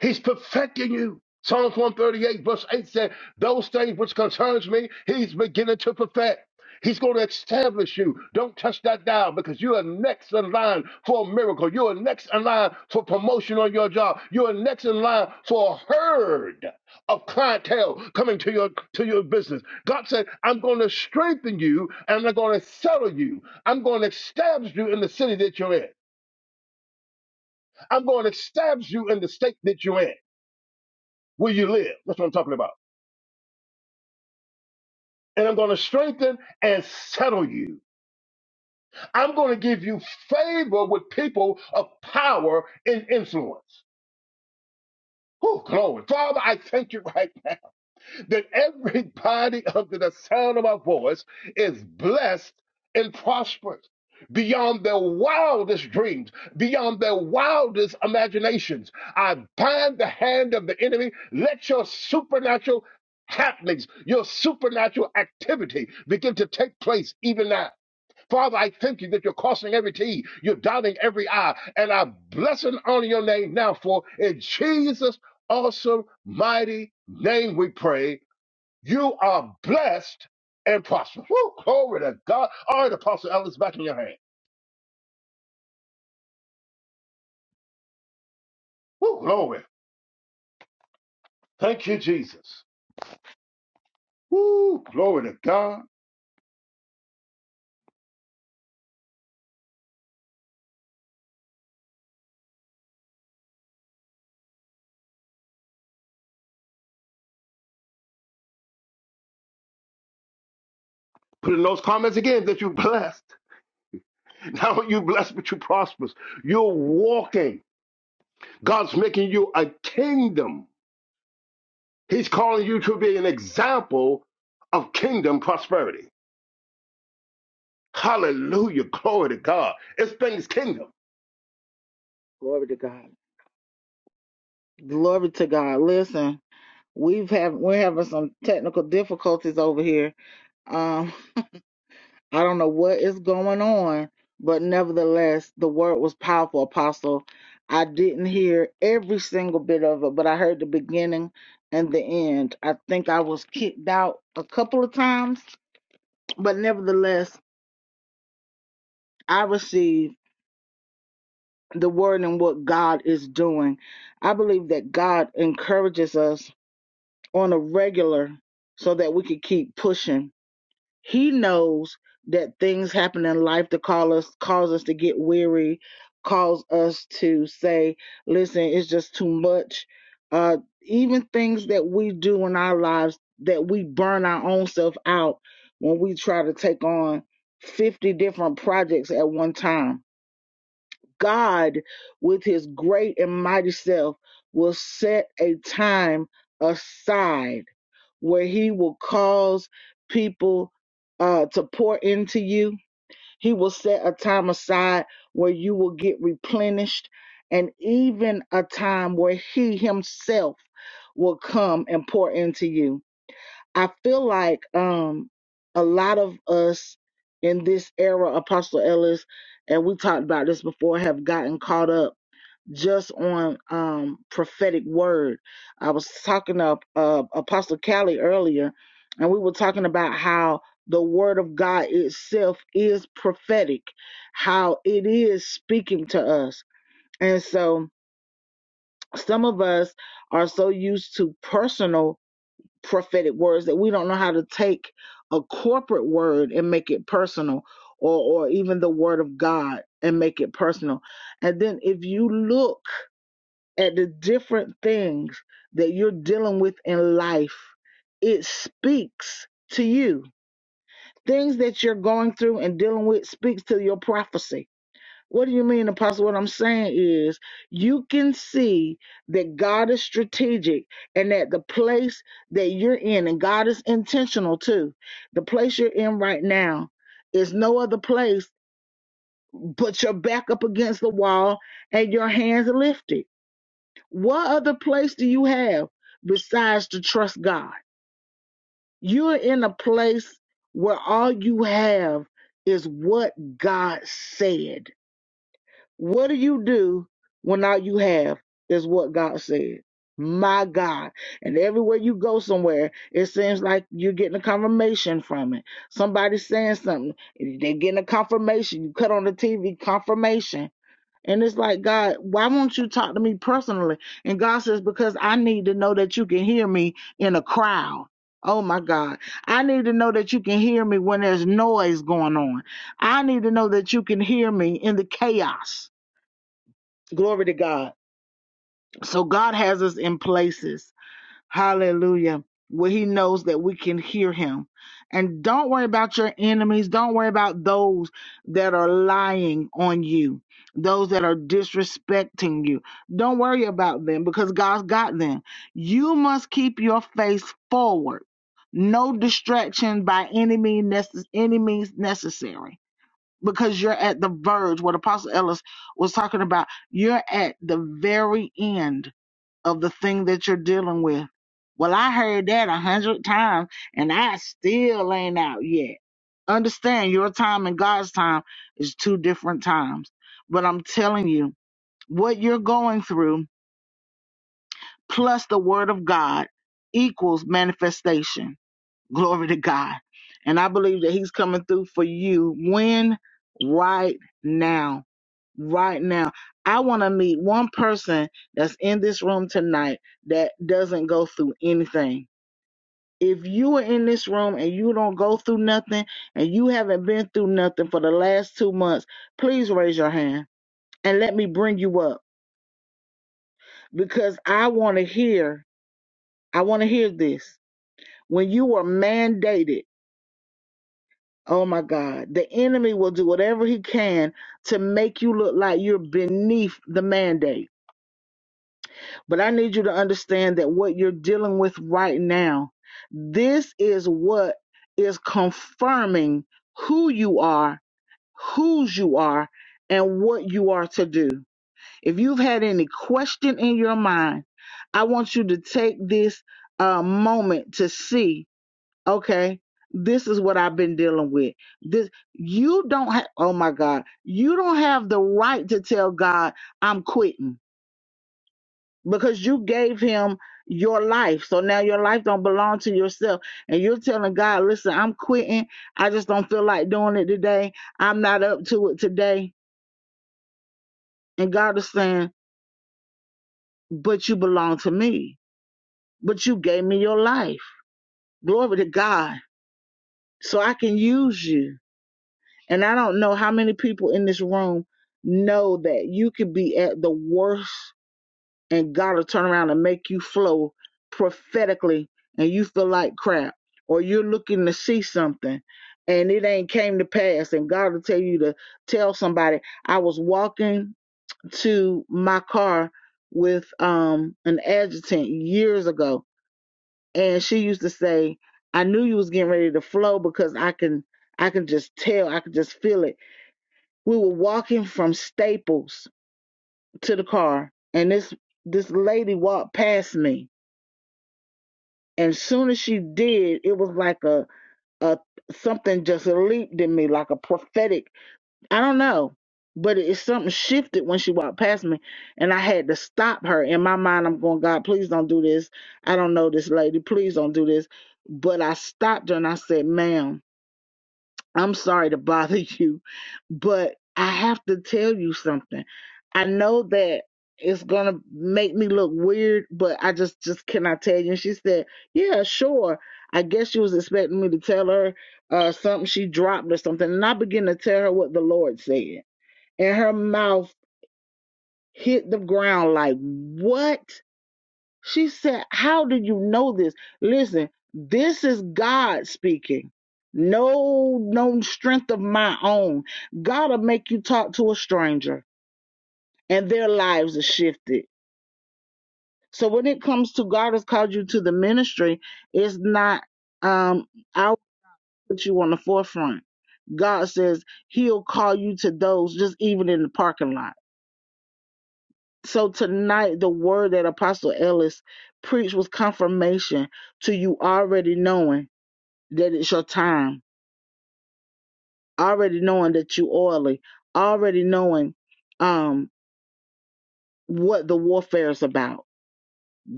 Speaker 6: He's perfecting you. Psalms 138, verse 8 said, Those things which concerns me, he's beginning to perfect. He's going to establish you. Don't touch that dial because you are next in line for a miracle. You are next in line for promotion on your job. You are next in line for a herd of clientele coming to your to your business. God said, I'm going to strengthen you and I'm going to settle you. I'm going to establish you in the city that you're in. I'm going to establish you in the state that you're in where you live. That's what I'm talking about. And I'm going to strengthen and settle you. I'm going to give you favor with people of power and influence. Oh, glory. Father, I thank you right now. that everybody under the sound of my voice is blessed and prosperous beyond their wildest dreams, beyond their wildest imaginations. I bind the hand of the enemy. Let your supernatural happenings, your supernatural activity begin to take place even now. Father, I thank you that you're crossing every T, you're dotting every I, and I bless and honor your name now for in Jesus' awesome, mighty name we pray. You are blessed and prosperous. Woo, glory to God. All right, Apostle Ellis, back in your hand. Woo, glory. Thank you, Jesus. Woo, glory to God. Put in those comments again that you're blessed. Not only you blessed, but you prosperous. You're walking. God's making you a kingdom. He's calling you to be an example of kingdom prosperity. Hallelujah. Glory to God. It's been his kingdom.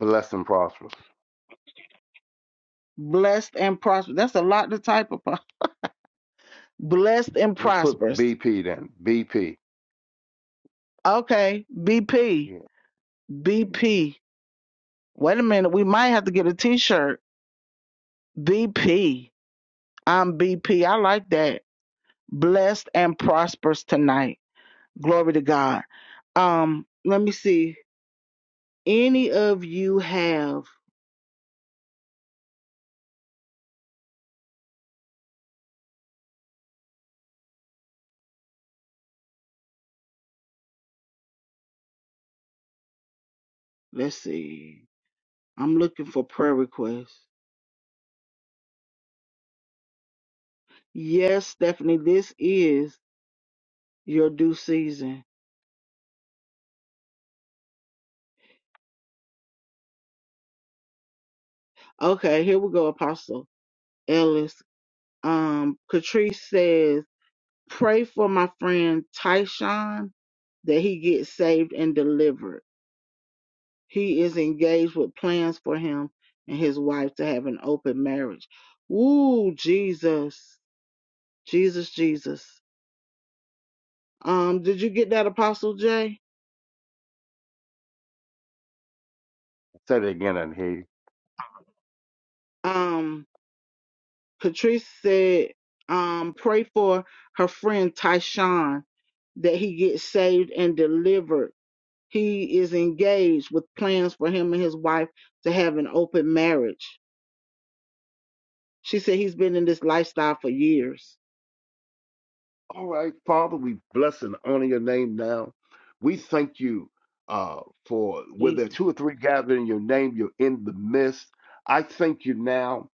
Speaker 6: Blessed and prosperous. Let's put BP then. BP. Say it again, and he. All right, Father, we bless and honor your name now. We thank you uh, for where there are two or three gathered in your name, you're in the midst. I thank you now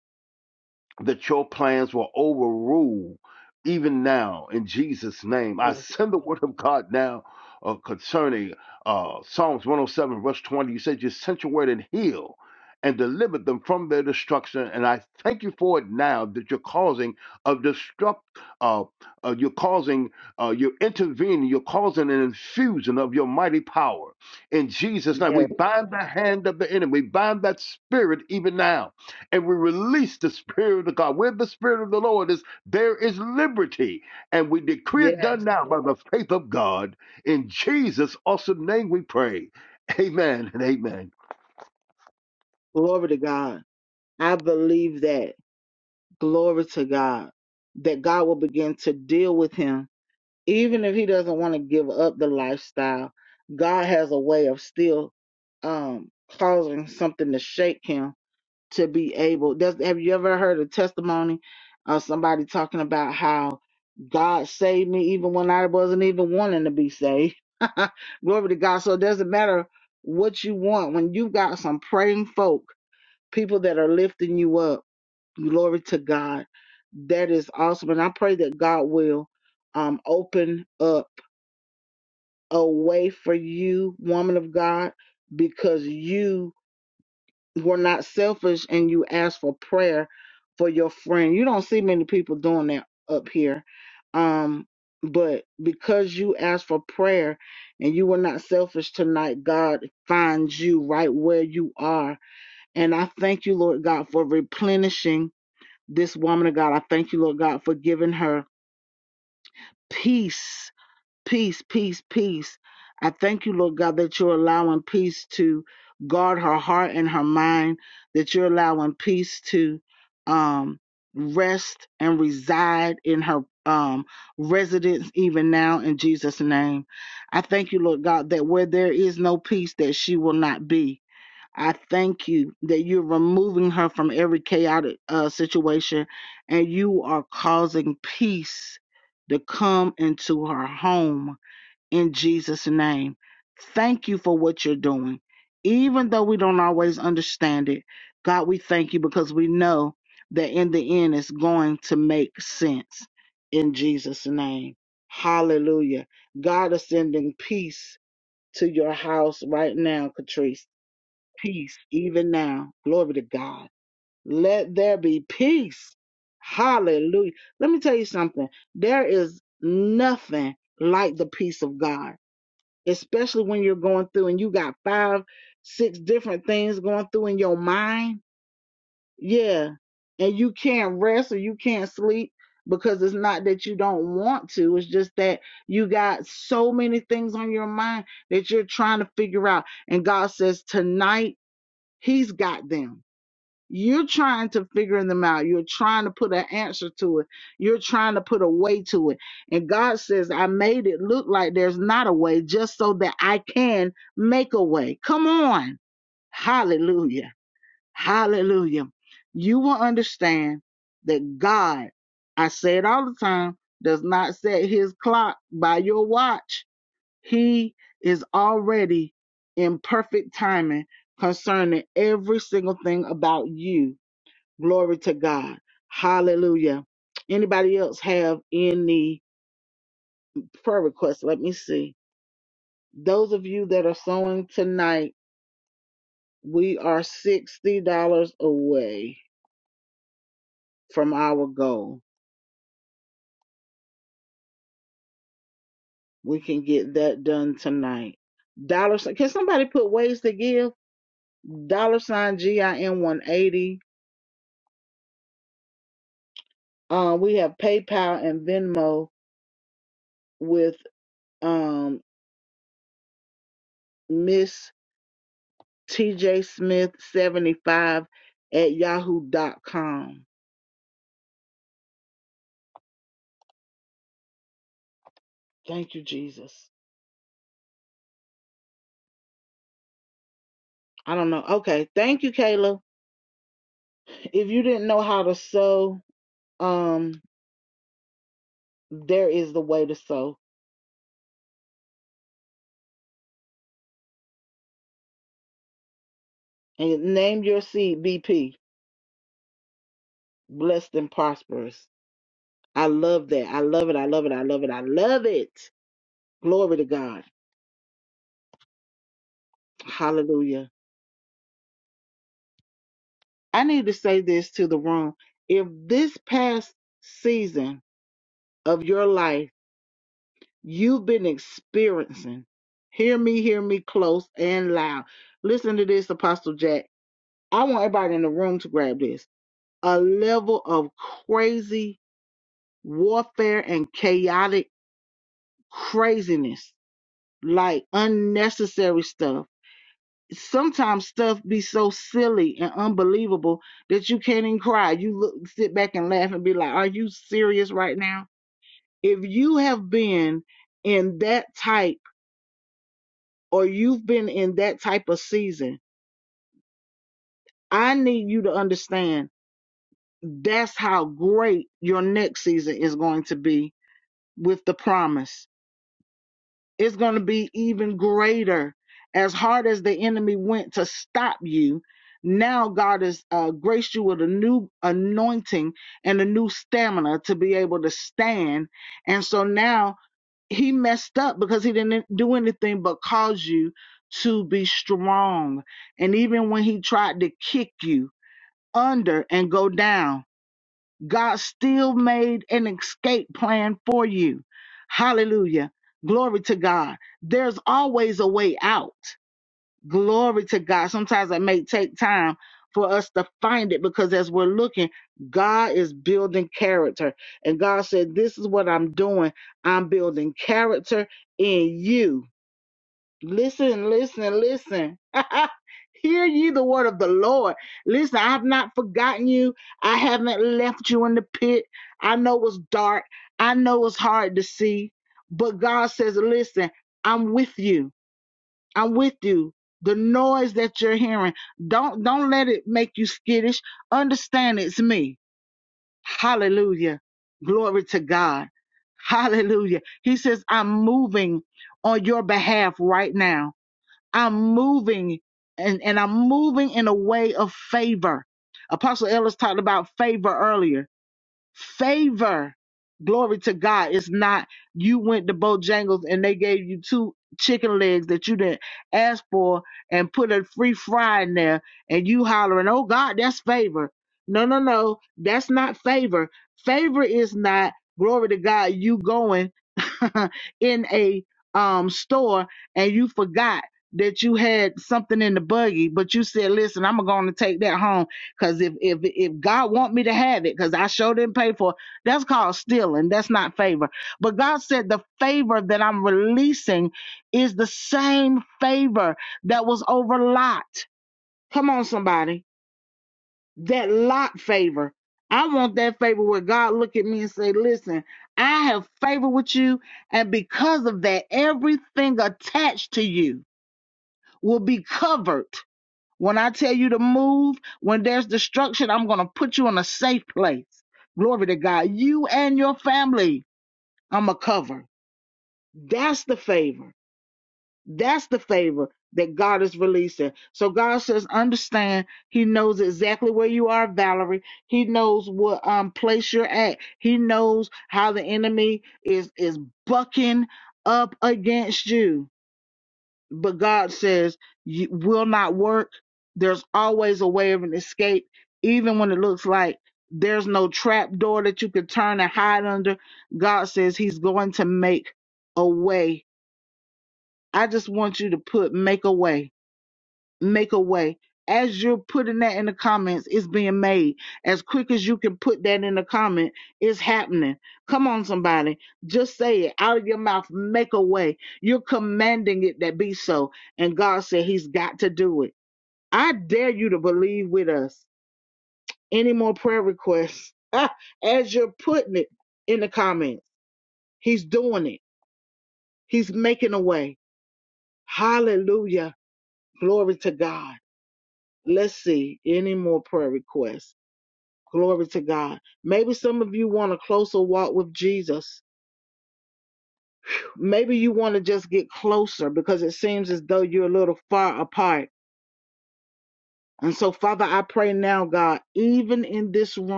Speaker 6: that your plans will overrule even now in Jesus' name. I send the word of God now uh, concerning uh, Psalms 107, verse 20. You said you sent your word and heal and delivered them from their destruction. And I thank you for it now that you're causing a destruct, uh, uh, you're causing, uh, you're intervening, you're causing an infusion of your mighty power. In Jesus' name, we bind the hand of the enemy, we bind that spirit even now and we release the Spirit of the God. Where the Spirit of the Lord is, there is liberty. And we decree it done now by the faith of God. In Jesus' awesome name we pray. Amen and amen.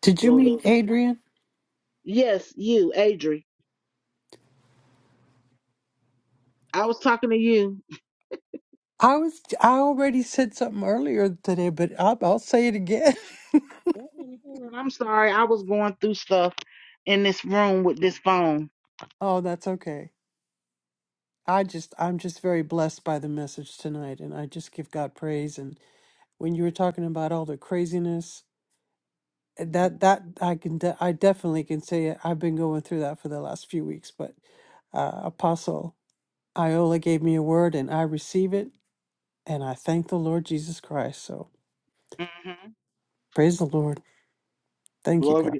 Speaker 5: Did you mean Adrian? I was, I already said something earlier today, but I'll, I'll say it again. oh, that's okay. I just, I'm just very blessed by the message tonight. And I just give God praise. And when you were talking about all the craziness, Eh, that that I can de- I definitely can say it. I've been going through that for the last few weeks, but uh, Apostle Iola gave me a word and I receive it and I thank the Lord Jesus Christ. So praise the Lord. Thank you, God.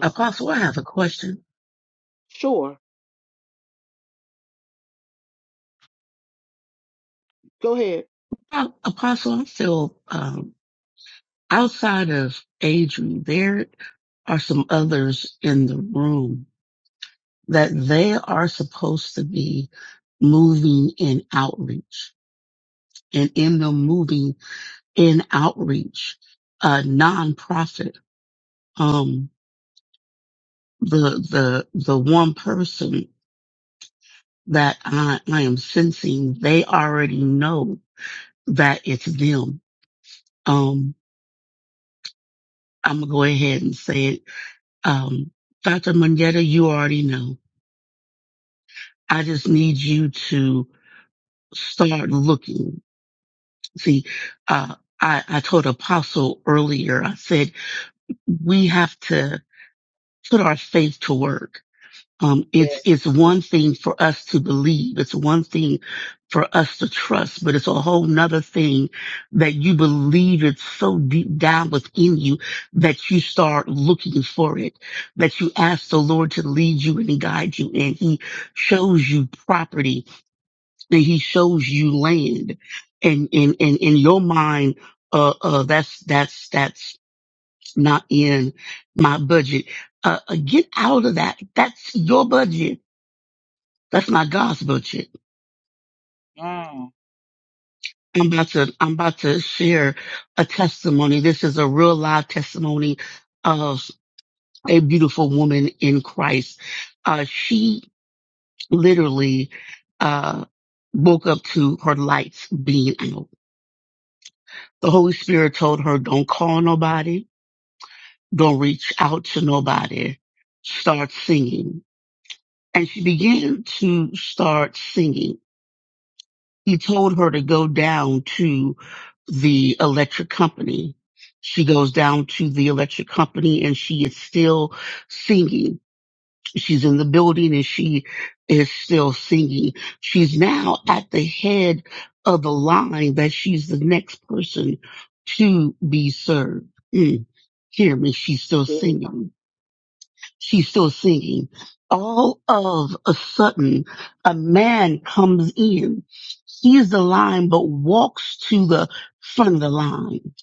Speaker 4: Apostle, I have a question. Uh, Apostle, I'm still, um, outside of Adrian, there are some others in the room that they are supposed to be moving in outreach and in the moving in outreach, a nonprofit. Um, the, the, the one person that I, I am sensing, they already know that it's them. Um, I'm gonna go ahead and say it. Um, Dr. Mungetta, you already know. I just need you to start looking See, uh, I, I told Apostle earlier, I said, we have to put our faith to work. Um, it's, it's one thing for us to believe. It's one thing for us to trust, but it's a whole nother thing that you believe it so deep down within you that you start looking for it, that you ask the Lord to lead you and guide you. And he shows you property and he shows you land and and and in your mind uh uh that's that's that's not in my budget uh uh, get out of that that's your budget that's not god's budget i'm about to i'm about to share a testimony this is a real live testimony of a beautiful woman in christ uh she literally uh woke up to her lights being out the holy spirit told her don't call nobody Don't reach out to nobody. Start singing. And she began to start singing. He told her to go down to the electric company. She goes down to the electric company and she is still singing. She's in the building and she is still singing. She's now at the head of the line that she's the next person to be served. Mm. Hear me, she's still singing. she's still singing. All of a sudden, a man comes in, sees the line, but walks to the front of the line.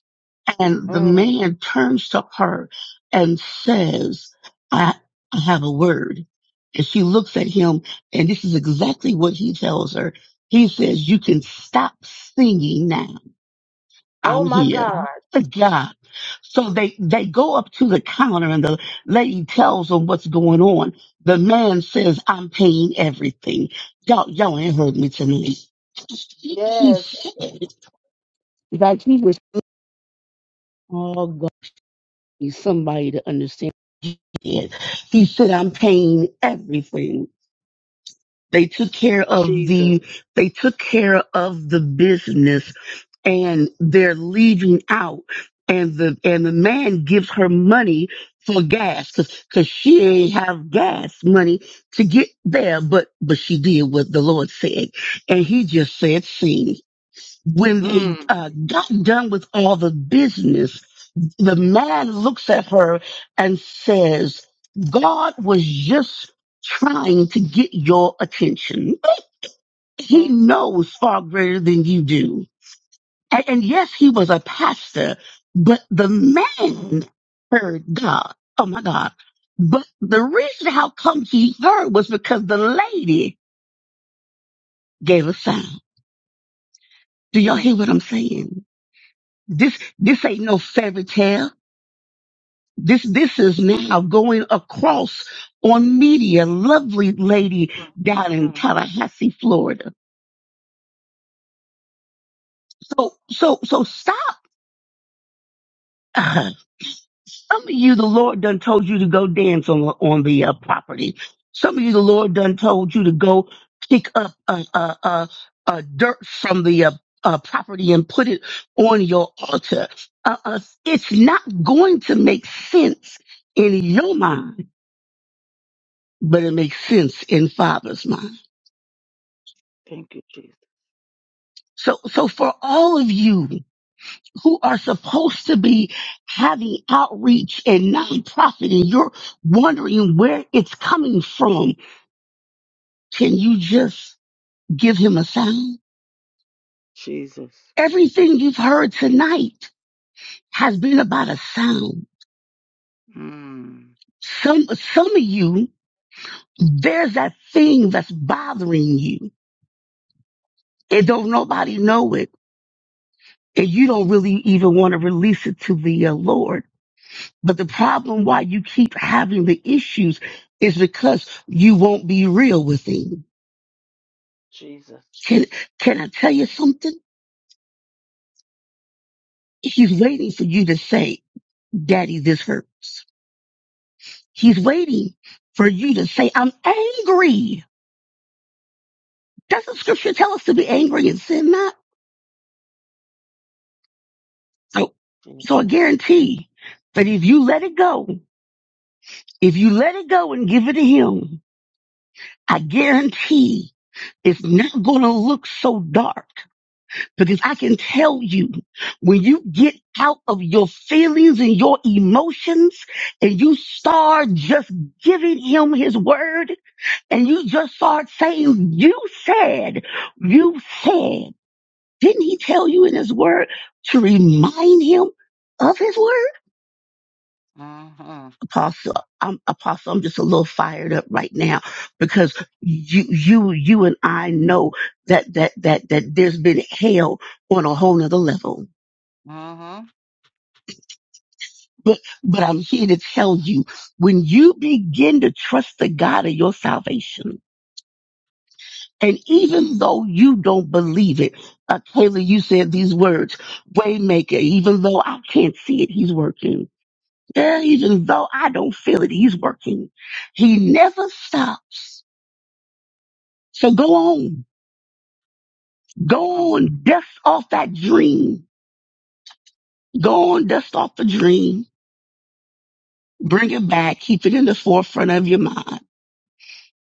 Speaker 4: And the man turns to her and says, I, I have a word. And she looks at him, and this is exactly what he tells her. He says, you can stop singing now I'm here. Good God. So they, they go up to the counter and the lady tells them what's going on. The man says, I'm paying everything. Y'all, y'all ain't heard me tonight. He, he said that he was all going somebody to understand it. He said, I'm paying everything. They took care of the, they took care of the business and they're leaving out and the and the man gives her money for gas because she ain't have gas money to get there but but she did what the lord said and he just said sing when they uh, got done with all the business the man looks at her and says god was just trying to get your attention he knows far greater than you do and, and yes, he was a pastor, but the man heard God. Oh my God. But the reason how come he heard was because the lady gave a sign. Do y'all hear what I'm saying? This, this ain't no fairy tale. This, this is now going across on media. Lovely lady down in Tallahassee, Florida. So, so, so stop. Some of you, the Lord done told you to go dance on on the uh, property. Some of you, the Lord done told you to go pick up uh, uh, uh, uh, dirt from the uh, uh, property and put it on your altar. Uh, uh, it's not going to make sense in your mind, but it makes sense in Father's mind. So, so for all of you who are supposed to be having outreach and nonprofit, and you're wondering where it's coming from Can you just give him a sound? Everything you've heard tonight has been about a sound. Some, some of you, there's that thing that's bothering you and don't nobody know it. And you don't really even want to release it to the uh, Lord. But the problem why you keep having the issues is because you won't be real with him. Can, can I tell you something? He's waiting for you to say, daddy, this hurts. He's waiting for you to say, I'm angry. Doesn't scripture tell us to be angry and sin not? So, so I guarantee that if you let it go, if you let it go and give it to him, I guarantee it's not going to look so dark because I can tell you when you get out of your feelings and your emotions and you start just giving him his word, And you just start saying, you said, you said. Didn't he tell you in his word to remind him of his word? Apostle, I'm, Apostle, I'm just a little fired up right now because you, you, you and I know that, that, that, that there's been hell on a whole nother level. But, but I'm here to tell you, when you begin to trust the God of your salvation, And even though you don't believe it, uh, Kayla, you said these words, Waymaker, even though I can't see it, he's working. Yeah, even though I don't feel it, he's working. He never stops. So go on. Go on, dust off that dream. Go on, dust off the dream. Bring it back. Keep it in the forefront of your mind.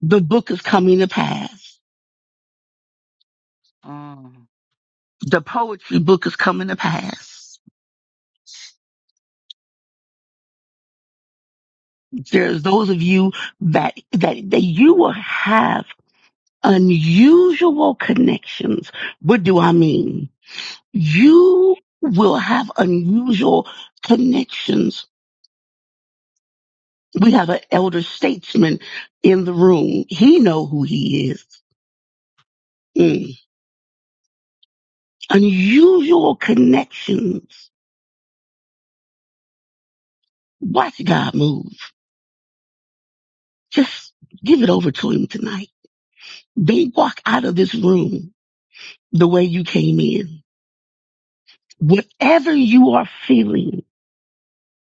Speaker 4: The book is coming to pass. The poetry book is coming to pass. There's those of you that, that, that you will have unusual connections. What do I mean? You will have unusual connections. We have an elder statesman in the room. He know who he is. Mm. Unusual connections. Watch God move. Just give it over to him tonight. Don't walk out of this room the way you came in. Whatever you are feeling,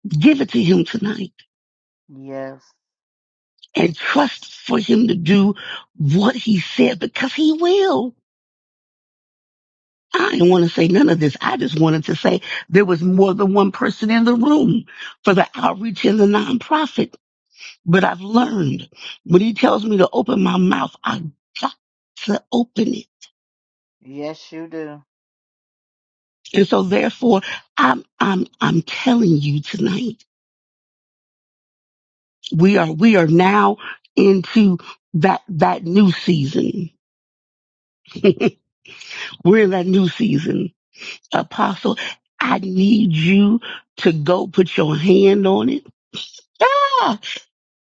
Speaker 4: give it to him tonight and trust for him to do what he said because he will. I didn't want to say none of this. I just wanted to say there was more than one person in the room for the outreach and the nonprofit. But I've learned when he tells me to open my mouth, I got to open it. And so therefore I'm I'm I'm telling you tonight, we are we are now into that that new season. We're in that new season Apostle, I need you to go put your hand on it. Ah,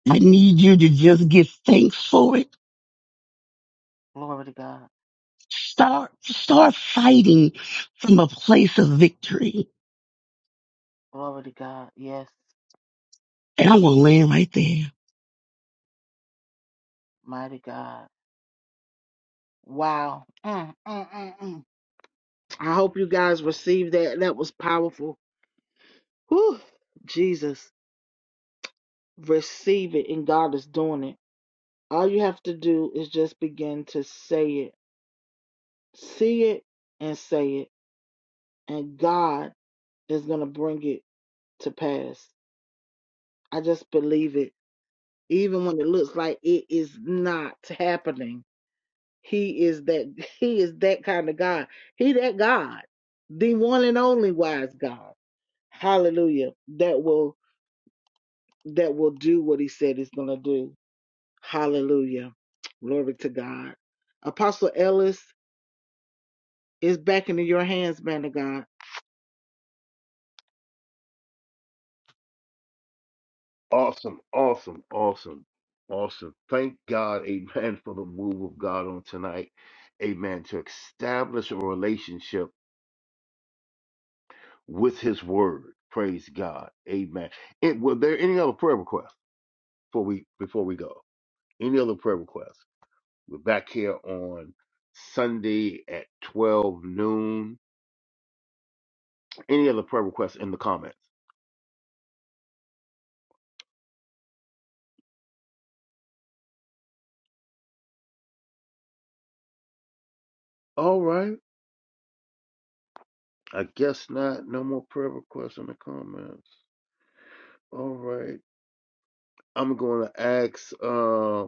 Speaker 4: I need you to just give thanks for it. Start, start fighting from a place of victory. And I'm going to land right there.
Speaker 6: Awesome, awesome, awesome, awesome. Thank God, amen, for the move of God on tonight. Amen. To establish a relationship with His Word. Praise God. Amen. And were there any other prayer requests before we before we go? Any other prayer requests? We're back here on Sunday at 12 noon. Any other prayer requests in the comments? All right. I guess not. No more prayer requests in the comments. All right. I'm going to ask uh,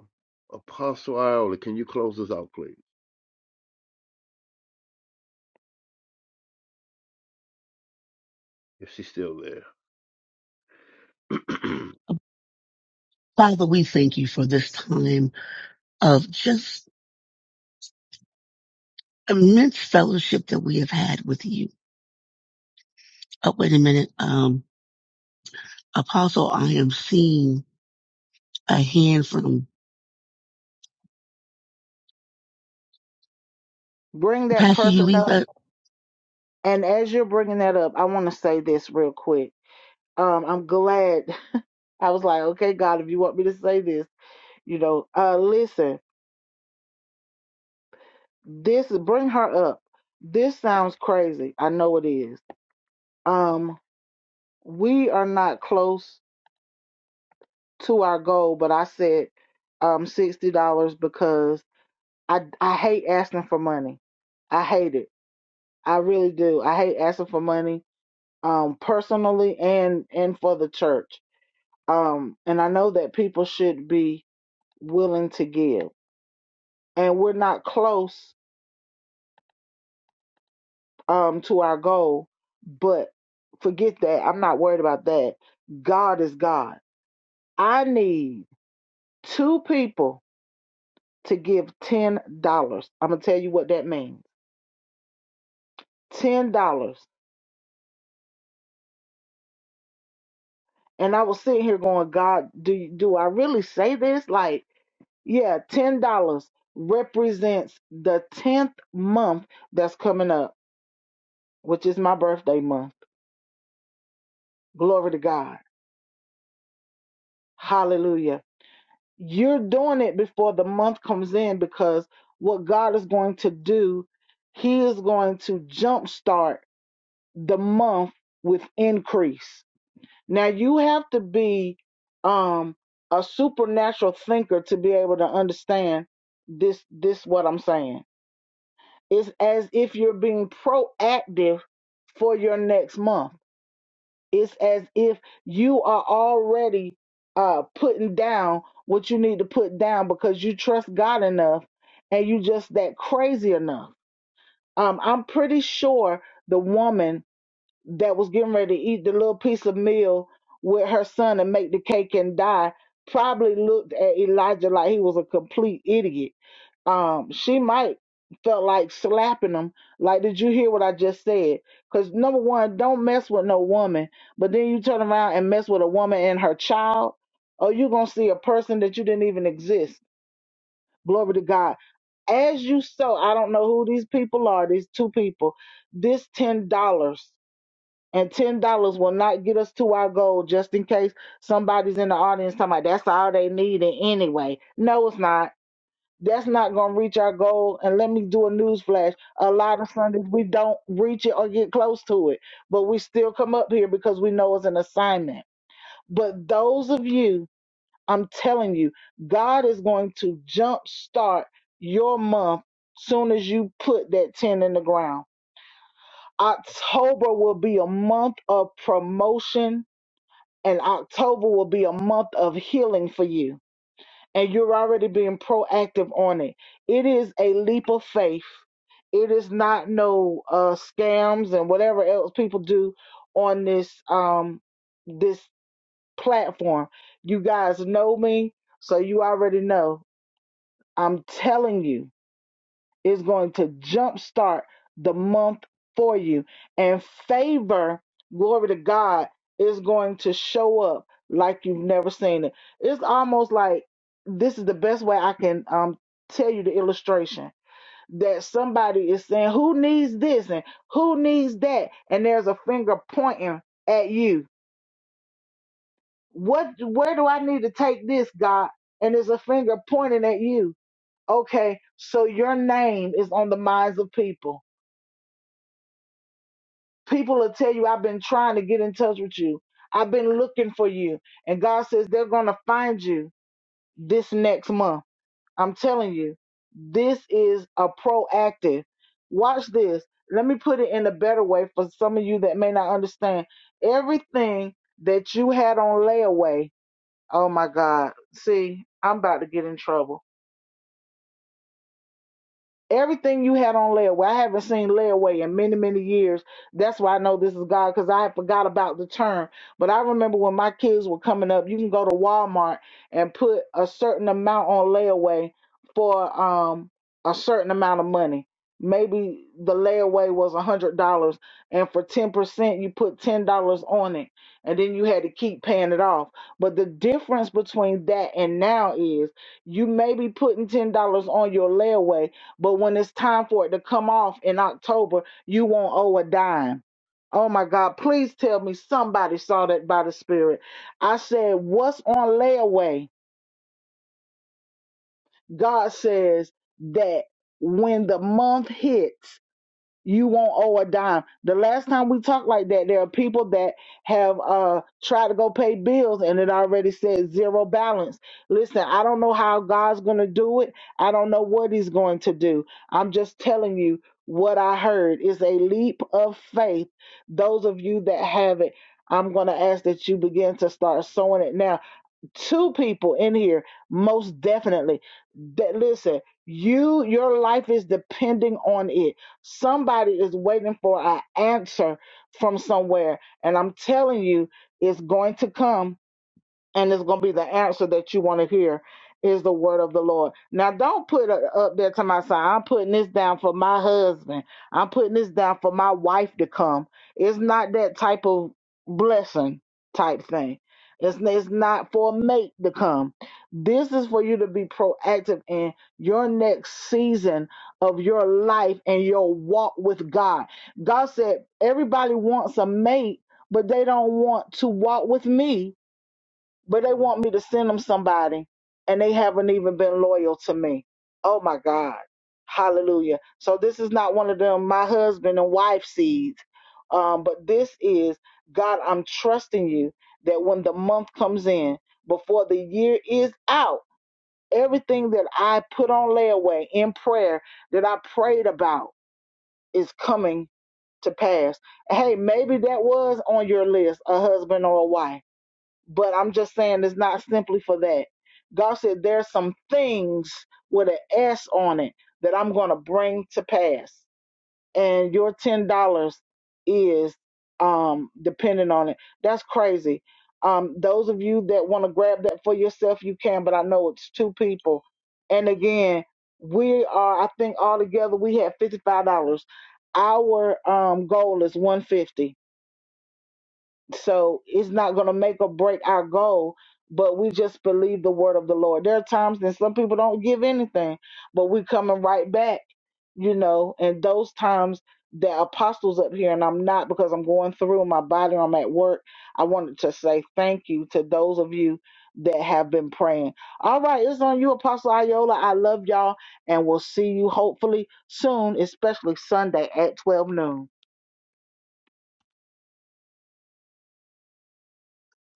Speaker 6: Apostle Iola, can you close us out, please? If she's still there.
Speaker 4: Father, we thank you for this time of just immense fellowship that we have had with you. Oh, wait a minute. Um, Apostle, I am seeing a hand from Pastor Ulisa.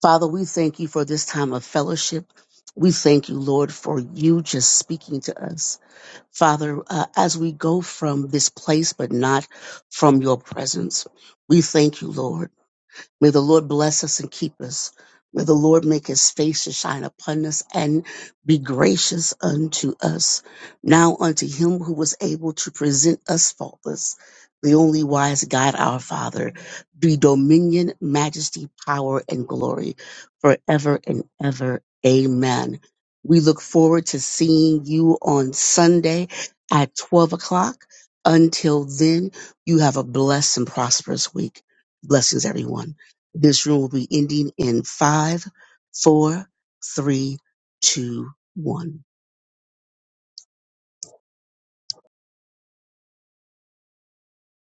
Speaker 4: Father, we thank you for this time of fellowship. We thank you, Lord, for you just speaking to us. Father, uh, as we go from this place, but not from your presence, we thank you, Lord. May the Lord bless us and keep us. May the Lord make his face to shine upon us and be gracious unto us. Now unto him who was able to present us faultless, the only wise God our Father, be dominion, majesty, power, and glory forever and ever. Amen. We look forward to seeing you on Sunday at 12 o'clock. Until then, you have a blessed and prosperous week. Blessings, everyone. This room will be ending in five, four, three, two, one.